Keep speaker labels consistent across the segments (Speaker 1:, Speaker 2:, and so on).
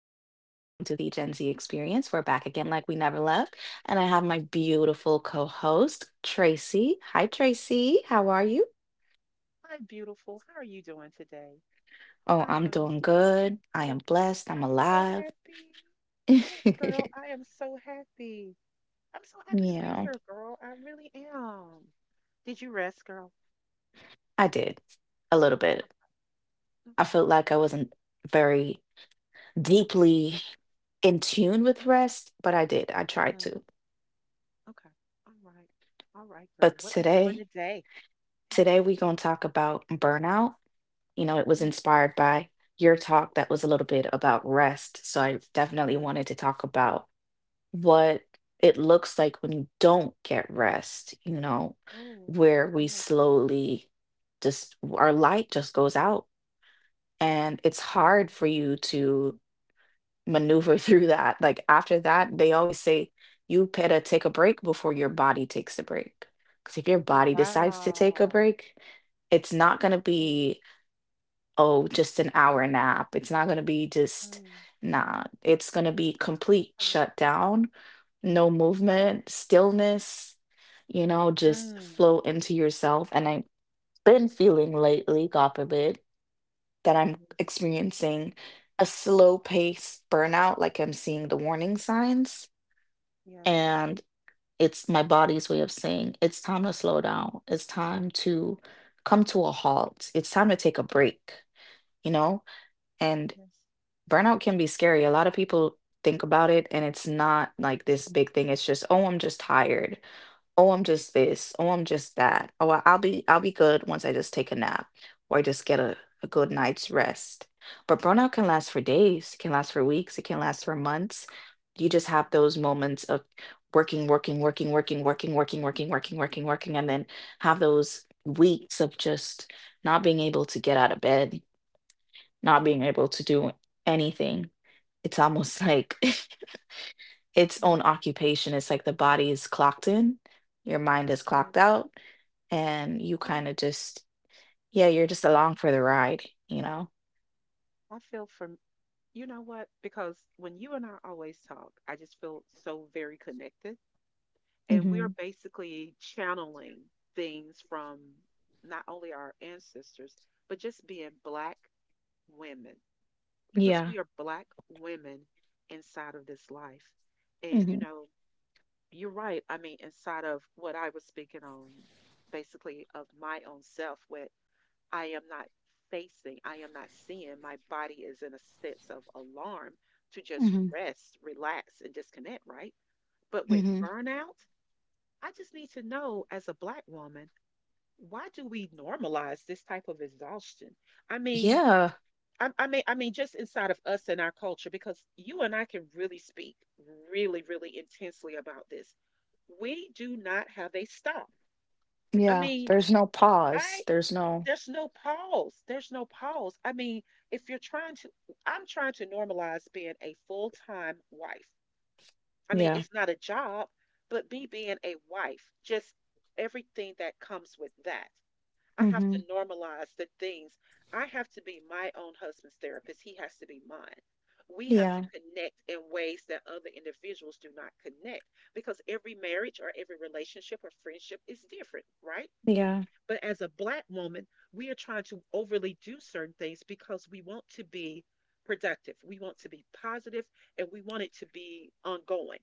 Speaker 1: welcome to the Gen Z Experience. We're back again like we never left. And I have my beautiful co host, Tracy. Hi, Tracy. How are you?
Speaker 2: Hi, beautiful. How are you doing today?
Speaker 1: Oh,
Speaker 2: I
Speaker 1: I'm
Speaker 2: am,
Speaker 1: doing good. I am
Speaker 2: oh,
Speaker 1: blessed. I'm
Speaker 2: I'm so
Speaker 1: alive.
Speaker 2: happy. Yes, girl, I am so happy. I'm so happy to be
Speaker 1: Yeah,
Speaker 2: here, girl. I really am. Did you rest, girl?
Speaker 1: I did a little
Speaker 2: Oh,
Speaker 1: bit. I
Speaker 2: okay.
Speaker 1: felt like I
Speaker 2: All
Speaker 1: wasn't very deeply in tune with rest, but I did. I tried
Speaker 2: right. Mm,
Speaker 1: to.
Speaker 2: okay. All right. All right, girl.
Speaker 1: But
Speaker 2: What we doing
Speaker 1: today,
Speaker 2: today? Yes.
Speaker 1: today we're going to talk about burnout. It was
Speaker 2: Mm,
Speaker 1: inspired by your talk that was a little bit about rest. So I definitely
Speaker 2: yes.
Speaker 1: wanted to talk about what it looks like when you don't get rest,
Speaker 2: Oh,
Speaker 1: where we
Speaker 2: yes.
Speaker 1: slowly just our light just goes out. And it's hard
Speaker 2: Mm.
Speaker 1: for you to maneuver through that. Like after that, they always say you better take a break before your body takes a break. Because if your
Speaker 2: Oh,
Speaker 1: body decides to take a
Speaker 2: wow.
Speaker 1: break, it's not going to
Speaker 2: Yes.
Speaker 1: be, oh, just an hour nap. It's not going to be just,
Speaker 2: Mm,
Speaker 1: nah, it's going to be complete
Speaker 2: okay.
Speaker 1: shutdown, no
Speaker 2: Okay.
Speaker 1: movement, stillness, just
Speaker 2: Mm,
Speaker 1: flow into yourself. And I've been feeling lately, God forbid, that I'm
Speaker 2: yes.
Speaker 1: experiencing a slow pace burnout, like I'm seeing the warning signs.
Speaker 2: Yes.
Speaker 1: And it's my body's way of saying it's time to slow down. It's time to come to a halt. It's time to take a break, you know? And.
Speaker 2: Yes.
Speaker 1: Burnout can be scary. A lot of people think about it and it's not like this big thing. It's just, oh, I'm just tired. Oh, I'm just this. Oh, I'm just that. Oh, I'll be good once I just take a nap or just get a good night's rest. But burnout can last for days, it can last for weeks, it can last for months. You just have those moments of working, working, working, working, working, working, working, working, working, working, and then have those weeks of just not being able to get out of bed, not being
Speaker 2: Mm,
Speaker 1: able to do anything. It's almost like its own
Speaker 2: yeah.
Speaker 1: occupation. It's like the body is clocked in, your mind is clocked
Speaker 2: Yes.
Speaker 1: out, and you
Speaker 2: Yeah,
Speaker 1: kind of just, yeah, you're just along for the ride, you know?
Speaker 2: I feel from you know what? Because when you and I always talk, I just feel so very connected. And we are
Speaker 1: Mm-hmm.
Speaker 2: basically channeling things from not only our ancestors, but just being Black women, because
Speaker 1: Yeah.
Speaker 2: we are Black women inside of this life. And,
Speaker 1: Mm-hmm.
Speaker 2: you're right. I mean, inside of what I was speaking on, basically of my own self, with I am not facing, I am not seeing. My body is in a sense of alarm to just
Speaker 1: Mm-hmm.
Speaker 2: rest, relax, and disconnect, right? But with
Speaker 1: Mm-hmm.
Speaker 2: burnout, I just need to know as a Black woman, why do we normalize this type of exhaustion? I mean,
Speaker 1: Yeah.
Speaker 2: just inside of us and our culture, because you and I can really speak really, really intensely about this. We do not have a stop. I
Speaker 1: Yeah.
Speaker 2: mean,
Speaker 1: There's no pause.
Speaker 2: I
Speaker 1: There's no,
Speaker 2: there's no pause. There's no pause. I mean, if you're trying to, I'm trying to normalize being a full time wife. I mean,
Speaker 1: yeah.
Speaker 2: it's not a job, but me being a wife, just everything that comes with that. I have to
Speaker 1: Mm-hmm.
Speaker 2: normalize the things. I have to be my own husband's therapist. He has to be mine. We have to
Speaker 1: Yeah.
Speaker 2: connect in ways that other individuals do not connect because every marriage or every relationship or friendship is different, right?
Speaker 1: Yeah.
Speaker 2: But as a Black woman, we are trying to overly do certain things because we want to be productive. We want to be positive and we want it to be ongoing.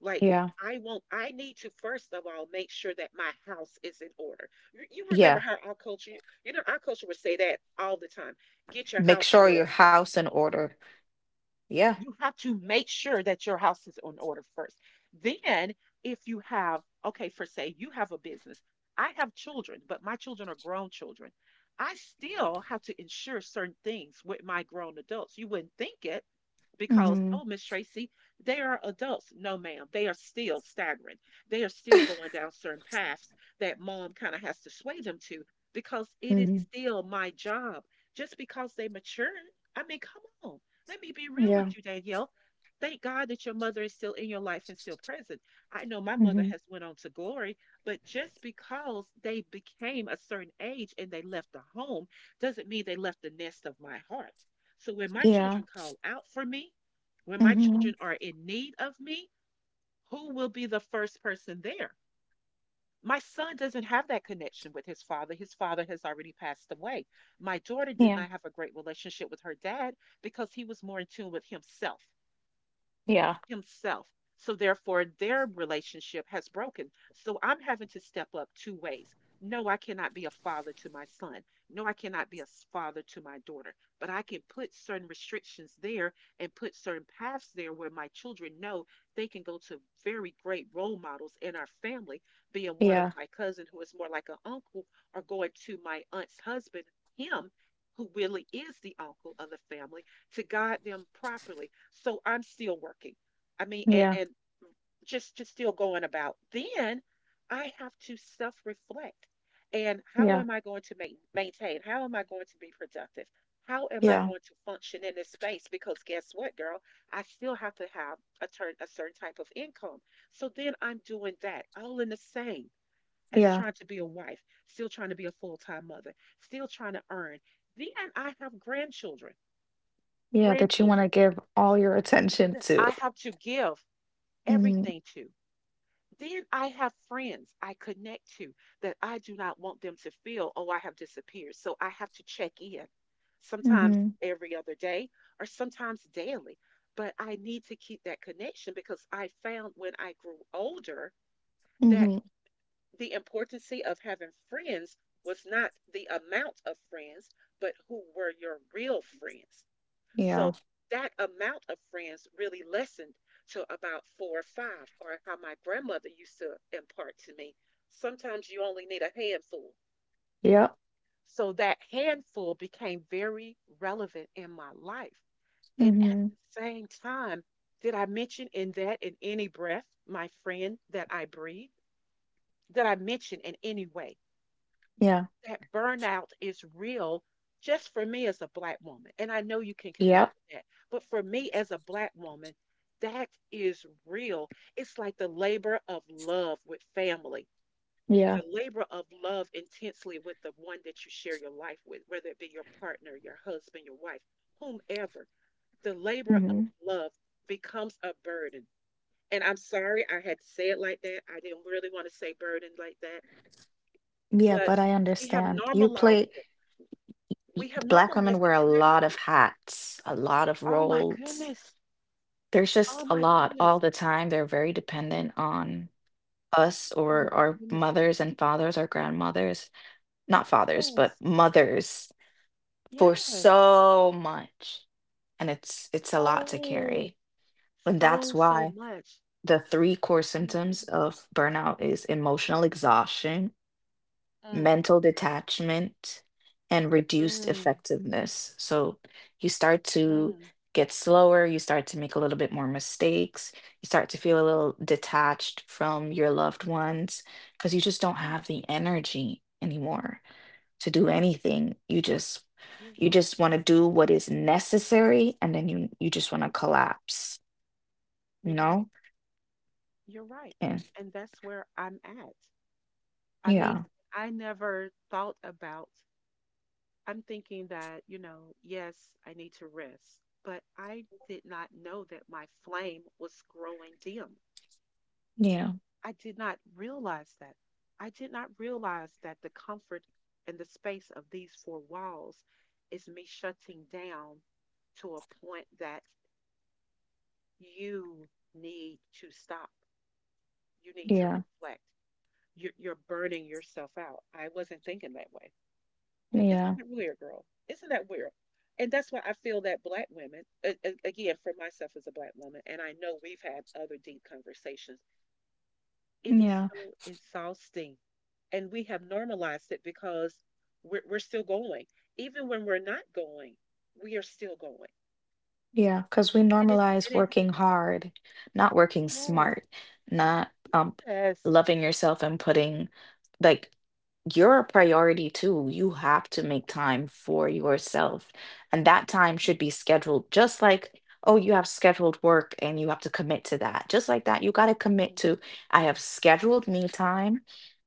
Speaker 2: Like,
Speaker 1: Yeah.
Speaker 2: I need to first of all make sure that my house is in order. You remember
Speaker 1: Yeah.
Speaker 2: how our culture would say that all the time. Get your
Speaker 1: Make
Speaker 2: house in
Speaker 1: sure your
Speaker 2: order first.
Speaker 1: house in order. Yeah.
Speaker 2: You have to make sure that your house is on order first. Then, if you have, okay, for say you have a business. I have children, but my children are grown children. I still have to ensure certain things with my grown adults. You wouldn't think it, because,
Speaker 1: Mm-hmm.
Speaker 2: oh, Miss Tracy, they are adults. No, ma'am, they are still staggering. They are still going down certain paths that mom kind of has to sway them to because it is
Speaker 1: Mm-hmm.
Speaker 2: still my job. Just because they mature, I mean, come on. Let me be real
Speaker 1: Yeah.
Speaker 2: with you, Danielle. Thank God that your mother is still in your life and still present. I know my mother
Speaker 1: Mm-hmm.
Speaker 2: has went on to glory, but just because they became a certain age and they left the home doesn't mean they left the nest of my heart. So when my
Speaker 1: Yeah.
Speaker 2: children call out for me, when my
Speaker 1: Mm-hmm.
Speaker 2: children are in need of me, who will be the first person there? My son doesn't have that connection with his father. His father has already passed away. My daughter did
Speaker 1: Yeah,
Speaker 2: not have a great relationship with her dad because he was more in tune with himself
Speaker 1: yeah,
Speaker 2: himself. So therefore, their relationship has broken. So I'm having to step up two ways. No, I cannot be a father to my son. No, I cannot be a father to my daughter. But I can put certain restrictions there and put certain paths there where my children know they can go to very great role models in our family, being one of
Speaker 1: yeah,
Speaker 2: my cousin who is more like an uncle, or going to my aunt's husband, him who really is the uncle of the family, to guide them properly. So I'm still working. I mean, and,
Speaker 1: yeah,
Speaker 2: and just just still going about. Then I have to self-reflect. And how
Speaker 1: yeah,
Speaker 2: am I going to maintain? How am I going to be productive? How am I
Speaker 1: yeah,
Speaker 2: going to function in this space? Because guess what, girl? I still have to have a certain type of income. So then I'm doing that all in the same as
Speaker 1: yeah,
Speaker 2: trying to be a wife, still trying to be a full time mother, still trying to earn. Then I have grandchildren,
Speaker 1: yeah. That you want
Speaker 2: grandchildren
Speaker 1: to give all your attention
Speaker 2: that I
Speaker 1: to.
Speaker 2: have to give
Speaker 1: Mm-hmm.
Speaker 2: everything to. Then I have friends I connect to that I do not want them to feel, oh, I have disappeared. So I have to check in sometimes
Speaker 1: Mm-hmm.
Speaker 2: every other day or sometimes daily. But I need to keep that connection because I found when I grew older that
Speaker 1: Mm-hmm.
Speaker 2: the importance of having friends was not the amount of friends, but who were your real friends. So
Speaker 1: Yeah.
Speaker 2: that amount of friends really lessened to about four or five, or how my grandmother used to impart to me. Sometimes you only need a handful.
Speaker 1: Yep.
Speaker 2: So that handful became very relevant in my life. And at
Speaker 1: Mm-hmm.
Speaker 2: the same time, did I mention in that, in any breath, my friend that I breathe? Did I mention in any way
Speaker 1: Yeah.
Speaker 2: that burnout is real just for me as a Black woman? And I know you can connect
Speaker 1: Yep.
Speaker 2: with that. But for me as a Black woman, that is real. It's like the labor of love with family,
Speaker 1: Yeah.
Speaker 2: the labor of love intensely with the one that you share your life with, whether it be your partner, your husband, your wife, whomever. The labor
Speaker 1: Mm-hmm.
Speaker 2: of love becomes a burden. And I'm sorry I had to say it like that. I didn't really want to say burden like that.
Speaker 1: Yeah.
Speaker 2: But
Speaker 1: But I
Speaker 2: we have
Speaker 1: understand. You
Speaker 2: normalized
Speaker 1: play.
Speaker 2: it. We have
Speaker 1: Black women
Speaker 2: normalized
Speaker 1: wear
Speaker 2: it
Speaker 1: a
Speaker 2: to that
Speaker 1: lot of
Speaker 2: point.
Speaker 1: hats, a lot of
Speaker 2: Oh my
Speaker 1: roles.
Speaker 2: goodness.
Speaker 1: There's just
Speaker 2: Oh
Speaker 1: a
Speaker 2: my
Speaker 1: lot all
Speaker 2: goodness.
Speaker 1: the time. They're very dependent on us
Speaker 2: Oh my
Speaker 1: or our
Speaker 2: goodness.
Speaker 1: mothers and fathers, our grandmothers, not fathers, but mothers
Speaker 2: Yes.
Speaker 1: for
Speaker 2: Yes.
Speaker 1: so much, and it's a lot to
Speaker 2: So,
Speaker 1: carry, and that's
Speaker 2: so, so
Speaker 1: why
Speaker 2: much.
Speaker 1: the three core
Speaker 2: Oh my
Speaker 1: symptoms
Speaker 2: goodness.
Speaker 1: of burnout is emotional exhaustion,
Speaker 2: Mm,
Speaker 1: mental detachment, and reduced
Speaker 2: mm,
Speaker 1: effectiveness. So you start to
Speaker 2: mm.
Speaker 1: get slower, you start to make a little bit more mistakes, you start to feel a little detached from your loved ones because you just don't
Speaker 2: Yes.
Speaker 1: have the energy anymore to do anything. You just
Speaker 2: You're
Speaker 1: you
Speaker 2: right.
Speaker 1: just want to do what is necessary, and then you just want to collapse, you
Speaker 2: You're
Speaker 1: know?
Speaker 2: right. You're right.
Speaker 1: And
Speaker 2: And that's where I'm at. I mean,
Speaker 1: yeah.
Speaker 2: I never thought about, I'm thinking that, yes, I need to rest, but I did not know that my flame was growing dim.
Speaker 1: Yeah.
Speaker 2: I did not realize that. I did not realize that the comfort and the space of these four walls is me shutting down to a point that you need to stop. You need to
Speaker 1: Yeah.
Speaker 2: reflect. You're burning yourself out. I wasn't thinking that way.
Speaker 1: Yeah.
Speaker 2: Isn't that weird, girl? Isn't that weird? And that's why I feel that Black women, again, for myself as a Black woman, and I know we've had other deep conversations, it is
Speaker 1: Yeah.
Speaker 2: so exhausting, and we have normalized it because we're still going even when we're not going, we are still going.
Speaker 1: Yeah, cuz we
Speaker 2: And it's
Speaker 1: normalize
Speaker 2: and it
Speaker 1: working hard, not working
Speaker 2: Yes.
Speaker 1: smart, not
Speaker 2: Yes.
Speaker 1: loving yourself, and putting, like, you're a priority too. You have to make time for yourself. And that time should be scheduled just like, oh, you have scheduled work and you have to commit to that. Just like that, you got to commit
Speaker 2: Yes.
Speaker 1: to, I have scheduled me time,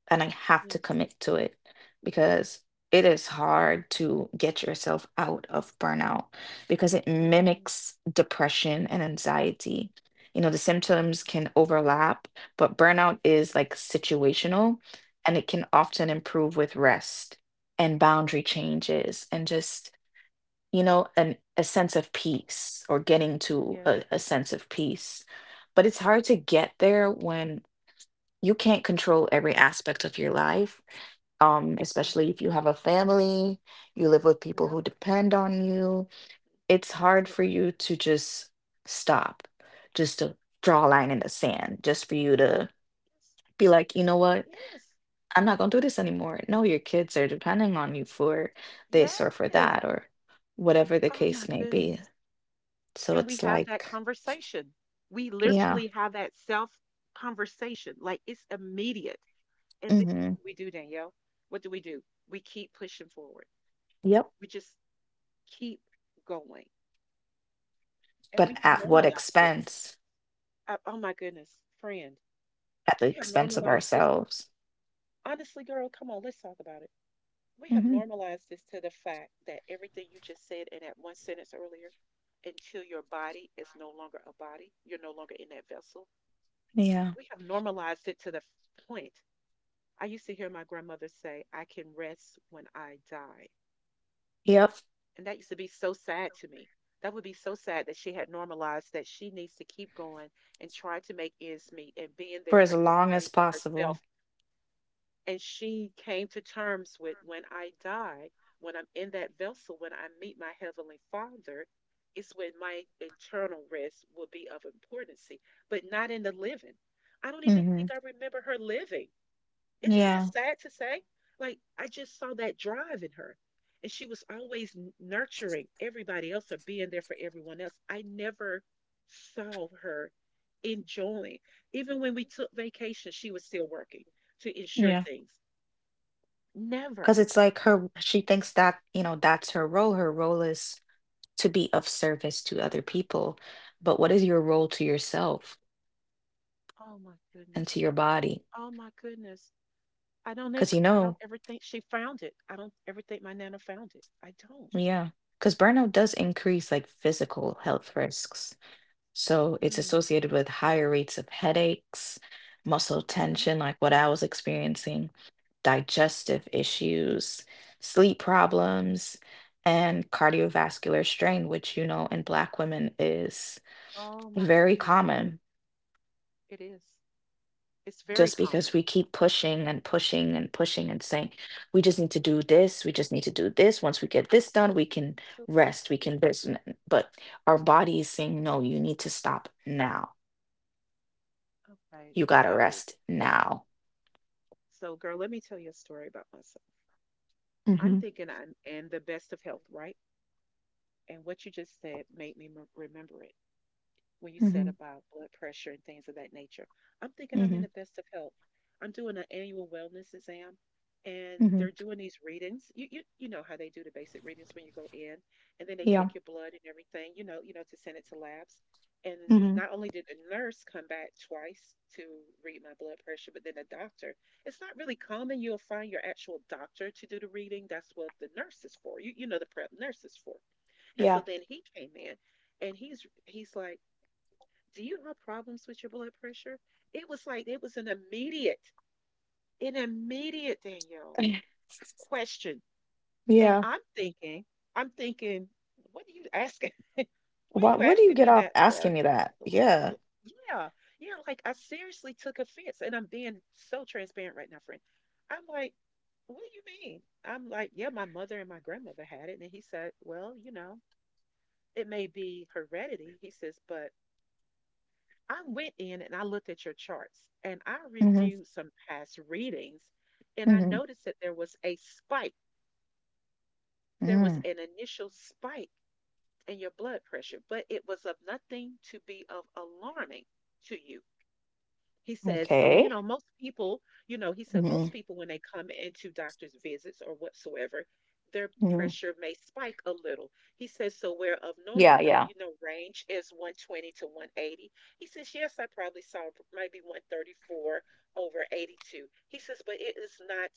Speaker 1: and I have to
Speaker 2: Yes.
Speaker 1: commit to it because it is hard to get yourself out of burnout because it
Speaker 2: Oh,
Speaker 1: mimics depression and anxiety. The symptoms can overlap, but burnout is
Speaker 2: yes.
Speaker 1: like situational, and it can often
Speaker 2: Mhm,
Speaker 1: improve with rest and boundary changes and just you know an a sense of peace, or getting to a,
Speaker 2: yes.
Speaker 1: a sense of peace, but it's hard to get there when you can't control every aspect of your life,
Speaker 2: Yes.
Speaker 1: especially if you have a family, you live with people
Speaker 2: Yep.
Speaker 1: who depend on you. It's hard for
Speaker 2: Absolutely.
Speaker 1: you to just stop, just to draw a line in the sand, just for you to
Speaker 2: Yes.
Speaker 1: be like, you know
Speaker 2: It
Speaker 1: what?
Speaker 2: is.
Speaker 1: I'm not going to do this anymore. No, your kids are depending on you for this or for
Speaker 2: Yes.
Speaker 1: that or whatever the
Speaker 2: Oh my
Speaker 1: case may be.
Speaker 2: goodness.
Speaker 1: So
Speaker 2: And we
Speaker 1: it's
Speaker 2: have that
Speaker 1: like,
Speaker 2: conversation We
Speaker 1: yeah,
Speaker 2: literally have that self conversation, like it's immediate. And then what
Speaker 1: hmm,
Speaker 2: do we do, Danielle? What do? We keep pushing forward.
Speaker 1: yep.
Speaker 2: We just keep going. And we
Speaker 1: But
Speaker 2: have
Speaker 1: at what
Speaker 2: normalized it.
Speaker 1: expense?
Speaker 2: Oh my goodness, friend,
Speaker 1: At the
Speaker 2: we have
Speaker 1: expense of
Speaker 2: normalized this.
Speaker 1: ourselves.
Speaker 2: Honestly, girl, come on, let's talk about it. We have
Speaker 1: Hmm.
Speaker 2: normalized this to the fact that everything you just said in that one sentence earlier, until your body is no longer a body, you're no longer in that vessel.
Speaker 1: Yeah,
Speaker 2: We have normalized it to the point. I used to hear my grandmother say, I can rest when I die.
Speaker 1: yep.
Speaker 2: And that used to be so sad to me. That would be so sad that she had normalized that she needs to keep going and try to make ends meet and being there
Speaker 1: For as
Speaker 2: for
Speaker 1: long as
Speaker 2: everybody but
Speaker 1: possible.
Speaker 2: herself. And she came to terms with when I die, when I'm in that vessel, when I meet my Heavenly Father, it's when my internal rest will be of importance, but not in the living. I don't even
Speaker 1: Hmm.
Speaker 2: think I remember her living. Isn't that
Speaker 1: Yeah,
Speaker 2: sad to say? Like, I just saw that drive in her. And she was always nurturing everybody else or being there for everyone else. I never saw her enjoying. Even when we took vacation, she was still working to ensure
Speaker 1: yeah.
Speaker 2: things. Never.
Speaker 1: Because it's like her, she thinks that, you know, that's her role. Her role is to be of service to other people. But what is your role to yourself
Speaker 2: Oh my
Speaker 1: and to
Speaker 2: goodness.
Speaker 1: your body?
Speaker 2: Oh my goodness. I don't
Speaker 1: Because
Speaker 2: ever I don't ever think she found it. I don't ever think my nana found it. I don't.
Speaker 1: yeah, because burnout does increase like physical health risks. So it's
Speaker 2: Mm,
Speaker 1: associated with higher rates of headaches, muscle
Speaker 2: mhm.
Speaker 1: tension, like what I was experiencing, digestive issues, sleep problems, and cardiovascular strain, which, in Black women is
Speaker 2: Oh my
Speaker 1: very
Speaker 2: goodness.
Speaker 1: common.
Speaker 2: It is. It's very
Speaker 1: Just because
Speaker 2: common.
Speaker 1: we keep pushing and pushing and pushing and saying, we just need to do this, we just need to do this. Once we get this done, we can rest, we can this. But our body is saying, no, you need to stop now.
Speaker 2: Okay,
Speaker 1: You got to
Speaker 2: so
Speaker 1: rest now.
Speaker 2: so girl, let me tell you a story about myself.
Speaker 1: Hmm.
Speaker 2: I'm thinking I'm in the best of health, right? And what you just said made me remember it when you said
Speaker 1: Hmm.
Speaker 2: about blood pressure and things of that nature. I'm thinking I'm in
Speaker 1: Hmm.
Speaker 2: the best of health. I'm doing an annual wellness exam and
Speaker 1: Hmm.
Speaker 2: they're doing these readings. You know how they do the basic readings when you go in, and then they
Speaker 1: Yeah.
Speaker 2: take your blood and everything, to send it to labs. And
Speaker 1: Hmm.
Speaker 2: not only did the nurse come back twice to read my blood pressure, but then the doctor. It's not really common. You'll find your actual doctor to do the reading. That's what the nurse is for. You know the prep nurse is for. And so
Speaker 1: Yeah.
Speaker 2: then he came in, and he's like, do you have problems with your blood pressure? It was like it was an immediate Danielle question. And
Speaker 1: Yeah.
Speaker 2: I'm thinking, what are you asking? What are
Speaker 1: What
Speaker 2: you
Speaker 1: What do you
Speaker 2: asking
Speaker 1: get
Speaker 2: me
Speaker 1: off
Speaker 2: that
Speaker 1: asking
Speaker 2: for?
Speaker 1: me that? Yeah.
Speaker 2: Yeah, yeah, like I seriously took offense, and I'm being so transparent right now, friend. I'm like, what do you mean? I'm like, yeah, my mother and my grandmother had it. And he said, well, you know, it may be heredity. He says, but I went in and I looked at your charts and I
Speaker 1: Hmm.
Speaker 2: reviewed some past readings, and I
Speaker 1: Hmm.
Speaker 2: noticed that there was a spike. There was
Speaker 1: Mm.
Speaker 2: an initial spike in your blood pressure, but it was of nothing to be of alarming to you. He said, so,
Speaker 1: Okay.
Speaker 2: you know, most people, you know, he said,
Speaker 1: Hmm.
Speaker 2: most people, when they come into doctor's visits or whatsoever, their
Speaker 1: Hmm.
Speaker 2: pressure may spike a little. He says, so where of normal,
Speaker 1: Yeah. Yeah.
Speaker 2: range is 120 to 180. He says, yes, I probably saw maybe 134 over 82. He says, but it is not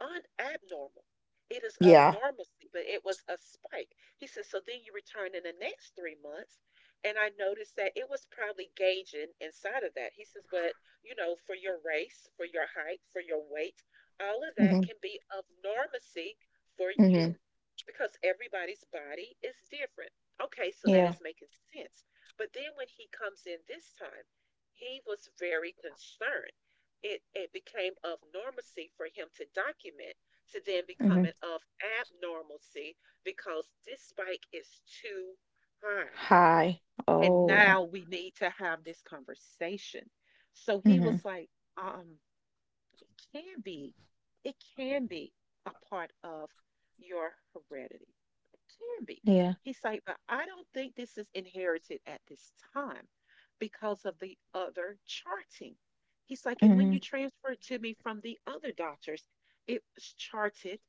Speaker 2: unabnormal. It is
Speaker 1: Yeah.
Speaker 2: abnormalcy, but it was a spike. He said, so then you return in the next 3 months. And I noticed that it was probably gauging inside of that. He says, but you know, for your race, for your height, for your weight, all of that
Speaker 1: Hmm.
Speaker 2: can be abnormalcy for
Speaker 1: Hmm.
Speaker 2: you because everybody's body is different. Okay, so that
Speaker 1: Yeah.
Speaker 2: is making sense. But then when he comes in this time, he was very concerned. It became of normalcy for him to document, to then
Speaker 1: Hmm.
Speaker 2: becoming of abnormalcy because this spike is too high.
Speaker 1: High.
Speaker 2: And
Speaker 1: Oh.
Speaker 2: now we need to have this conversation. So he
Speaker 1: Mhm.
Speaker 2: was like, um, can be, it can be a part of your heredity. It can be.
Speaker 1: Yeah.
Speaker 2: He's like, but I don't think this is inherited at this time because of the other charting. He's like, and when
Speaker 1: Mhm.
Speaker 2: you transferred to me from the other doctors, it was charted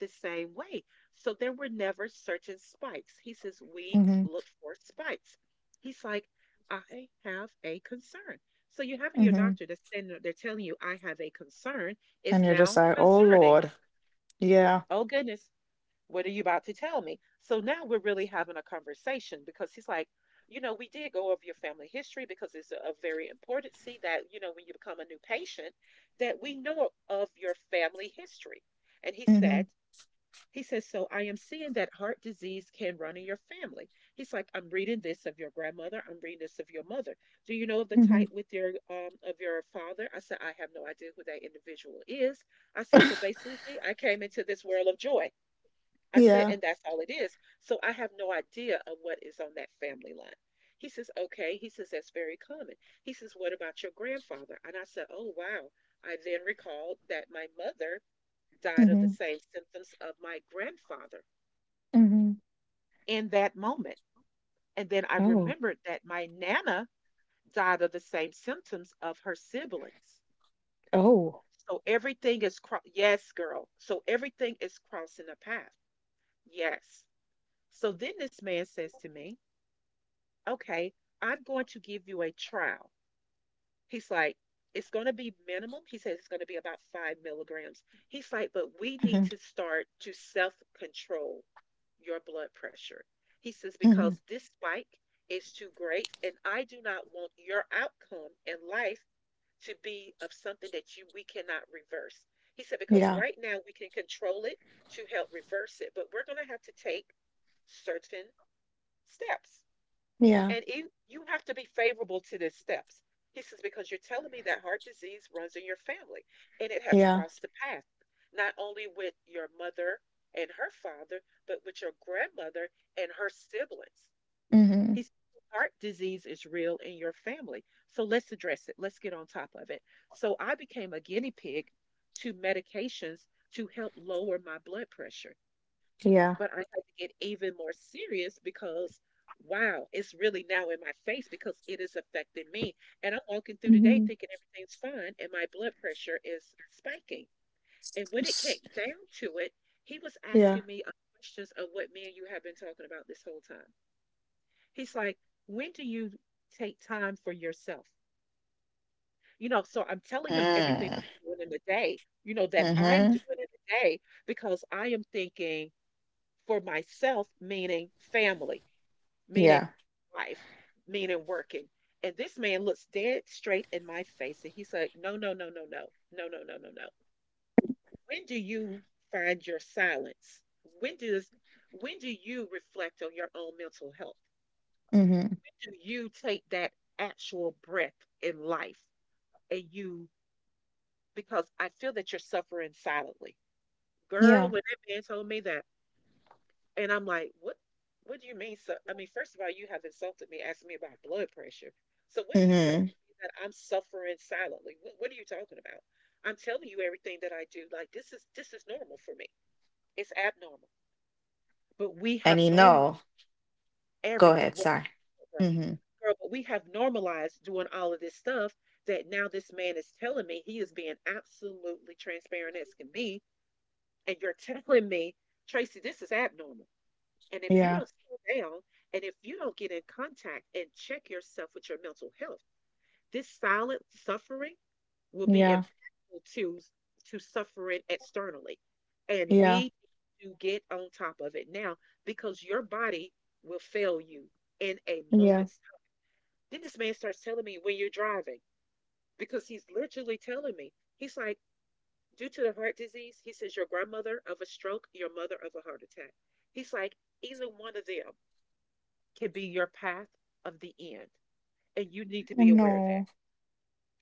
Speaker 2: the same way. So there were never certain spikes. He says, we
Speaker 1: Mhm.
Speaker 2: look for spikes. He's like, I have a concern. So you're having your
Speaker 1: Mhm.
Speaker 2: doctor that's standing they're telling you, I have a concern. It's
Speaker 1: And you're just
Speaker 2: now
Speaker 1: like, "Oh
Speaker 2: concerning.
Speaker 1: Lord." Yeah.
Speaker 2: Oh goodness, what are you about to tell me? So now we're really having a conversation because he's like, you know, we did go over your family history because it's a very important see that, you know, when you become a new patient, that we know of your family history. And
Speaker 1: Mhm.
Speaker 2: he says, so I am seeing that heart disease can run in your family. He's like, I'm reading this of your grandmother. I'm reading this of your mother. Do you know of the
Speaker 1: Mhm.
Speaker 2: type with your father? I said, I have no idea who that individual is. I said, so basically I came into this world of joy. I said,
Speaker 1: Yeah.
Speaker 2: and that's all it is. So I have no idea of what is on that family line. He says, okay. He says, that's very common. He says, what about your grandfather? And I said, oh wow. I then recalled that my mother died of the
Speaker 1: Mhm.
Speaker 2: same symptoms of my grandfather
Speaker 1: Mhm.
Speaker 2: in that moment. And then I
Speaker 1: Oh.
Speaker 2: remembered that my Nana died of the same symptoms of her siblings.
Speaker 1: Oh.
Speaker 2: So everything is, yes, girl. So everything is crossing a path. Yes. So then this man says to me, okay, I'm going to give you a trial. He's like, it's going to be minimum. He says it's going to be about 5 milligrams. He's like, but we need
Speaker 1: Mhm.
Speaker 2: to start to self control your blood pressure. He says,
Speaker 1: Mhm.
Speaker 2: because this spike is too great, and I do not want your outcome in life to be of something that you we cannot reverse. He said, because
Speaker 1: Yeah.
Speaker 2: right now we can control it to help reverse it, but we're going to have to take certain steps.
Speaker 1: Yeah.
Speaker 2: And you have to be favorable to the steps. He says, because you're telling me that heart disease runs in your family and it has
Speaker 1: Yeah.
Speaker 2: crossed the path, not only with your mother and her father, but with your grandmother and her siblings.
Speaker 1: Mhm.
Speaker 2: He says, heart disease is real in your family. So let's address it. Let's get on top of it. So I became a guinea pig to medications to help lower my blood pressure,
Speaker 1: Yeah.
Speaker 2: but I had to get even more serious because wow, it's really now in my face because it is affecting me. And I'm walking through the day
Speaker 1: Mhm.
Speaker 2: thinking everything's fine and my blood pressure is spiking. And when it came
Speaker 1: S
Speaker 2: down to it, he was
Speaker 1: yeah.
Speaker 2: asking me questions of what me and you have been talking about this whole time. He's like, when do you take time for yourself? You know, so I'm telling him everything
Speaker 1: Mm.
Speaker 2: that I'm doing in the day, that I'm
Speaker 1: Mhm.
Speaker 2: doing in the day because I am thinking for myself, meaning family, meaning
Speaker 1: Yeah.
Speaker 2: life, meaning working. And this man looks dead straight in my face and he said, no, no, no, no, no, no, no, no, no, no. When do you find your silence? When does when do you reflect on your own mental health?
Speaker 1: Mhm.
Speaker 2: When do you take that actual breath in life and you because I feel that you're suffering silently. Girl,
Speaker 1: Yeah.
Speaker 2: when that man told me that. And I'm like, what do you mean? So I mean, first of all, you have insulted me asking me about blood pressure. So what are you telling
Speaker 1: Mhm.
Speaker 2: me that I'm suffering silently? What are you talking about? I'm telling you everything that I do. Like this is normal for me. It's abnormal. But we
Speaker 1: And
Speaker 2: have
Speaker 1: you
Speaker 2: normal
Speaker 1: know, go
Speaker 2: everything.
Speaker 1: ahead,
Speaker 2: Well,
Speaker 1: sorry.
Speaker 2: Girl,
Speaker 1: Mhm.
Speaker 2: girl, but we have normalized doing all of this stuff that now this man is telling me he is being absolutely transparent as can be. And you're telling me, Tracy, this is abnormal. And if you
Speaker 1: Yeah.
Speaker 2: don't slow down and if you don't get in contact and check yourself with your mental health, this silent suffering will be
Speaker 1: Yeah.
Speaker 2: impactful to suffering externally. And
Speaker 1: Yeah.
Speaker 2: we need to get on top of it now because your body will fail you in a
Speaker 1: Yeah.
Speaker 2: moment's time. Then this man starts telling me when you're driving, because he's literally telling me, he's like, due to the heart disease, he says, your grandmother of a stroke, your mother of a heart attack. He's like, either one of them can be your path of the end, and you need to be aware of that.
Speaker 1: No.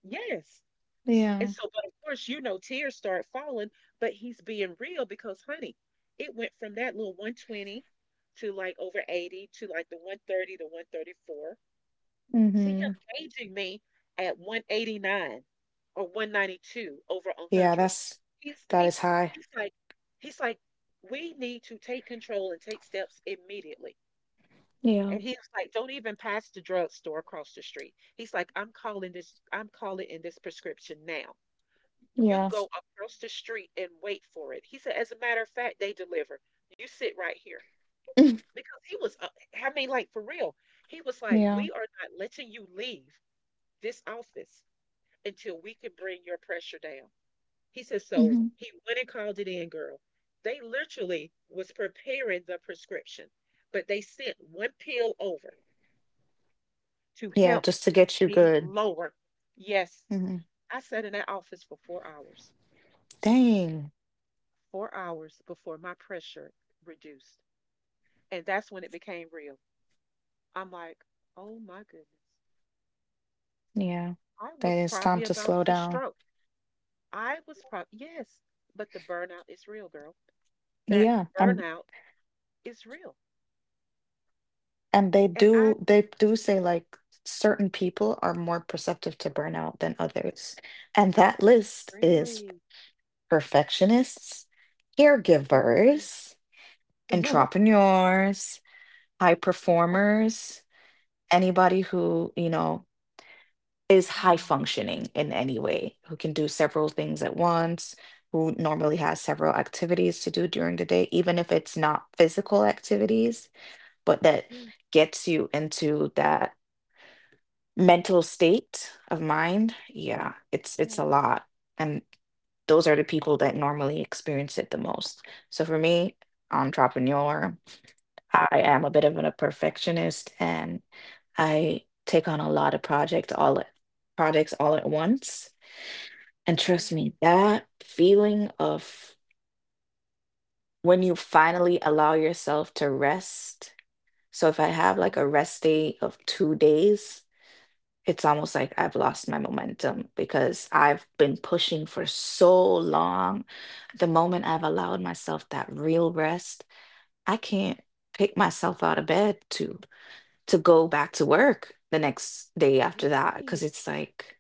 Speaker 2: Yes.
Speaker 1: Yeah.
Speaker 2: And
Speaker 1: Yeah.
Speaker 2: so, but of course, you know, tears start falling, but he's being real because, honey, it went from that little 120 to like over 80 to like the 130 to 134 to him
Speaker 1: Mhm.
Speaker 2: gauging me at 189 or 192 over
Speaker 1: Yeah,
Speaker 2: 100.
Speaker 1: that's
Speaker 2: He's,
Speaker 1: that
Speaker 2: he's,
Speaker 1: is high.
Speaker 2: he's like, he's like, we need to take control and take steps immediately.
Speaker 1: Yeah,
Speaker 2: And he was like, "Don't even pass the drugstore across the street." He's like, I'm calling in this prescription now. You
Speaker 1: yeah,
Speaker 2: go across the street and wait for it." He said, "As a matter of fact, they deliver. You sit right here." Because I mean, like for real, he was like,
Speaker 1: yeah,
Speaker 2: "We are not letting you leave this office until we can bring your pressure down." He said, "So
Speaker 1: hmm.
Speaker 2: he went and called it in, girl. They literally was preparing the prescription, but they sent one pill over," to
Speaker 1: Yeah,
Speaker 2: help
Speaker 1: just to get you
Speaker 2: me
Speaker 1: good.
Speaker 2: lower. Yes,
Speaker 1: Mhm.
Speaker 2: I sat in that office for 4 hours,
Speaker 1: Dang.
Speaker 2: 4 hours before my pressure reduced. And that's when it became real. I'm like, oh my goodness,
Speaker 1: Yeah,
Speaker 2: I
Speaker 1: that
Speaker 2: was
Speaker 1: is time
Speaker 2: probably
Speaker 1: to
Speaker 2: about
Speaker 1: slow
Speaker 2: to
Speaker 1: down.
Speaker 2: stroke. I was probably, yes, but the burnout is real, girl. That
Speaker 1: Yeah, and
Speaker 2: burnout is real.
Speaker 1: and they
Speaker 2: And I
Speaker 1: do they do say, like, certain people are more perceptive to burnout than others. And that list is
Speaker 2: really,
Speaker 1: perfectionists,
Speaker 2: really,
Speaker 1: caregivers, entrepreneurs, high performers, anybody who, you know, is high
Speaker 2: mm,
Speaker 1: functioning in any way, who can do several things at once, who normally has several activities to do during the day, even if it's not physical activities, but that
Speaker 2: yes,
Speaker 1: gets you into that mental state of mind.
Speaker 2: yes,
Speaker 1: Yeah, it's
Speaker 2: yes,
Speaker 1: a lot. And those are the people that normally experience it the most. So for me, entrepreneur, I am a bit of a perfectionist, and I take on a lot of projects all at once. And trust me,
Speaker 2: really.
Speaker 1: that feeling of when you finally allow yourself to rest. So if I have
Speaker 2: Huh?
Speaker 1: like a rest day of 2 days, it's almost like I've lost my momentum because I've been pushing for so long. The moment I've allowed myself that real rest, I can't pick myself out of bed to. To go back to work the next day after that
Speaker 2: Really?
Speaker 1: because it's like,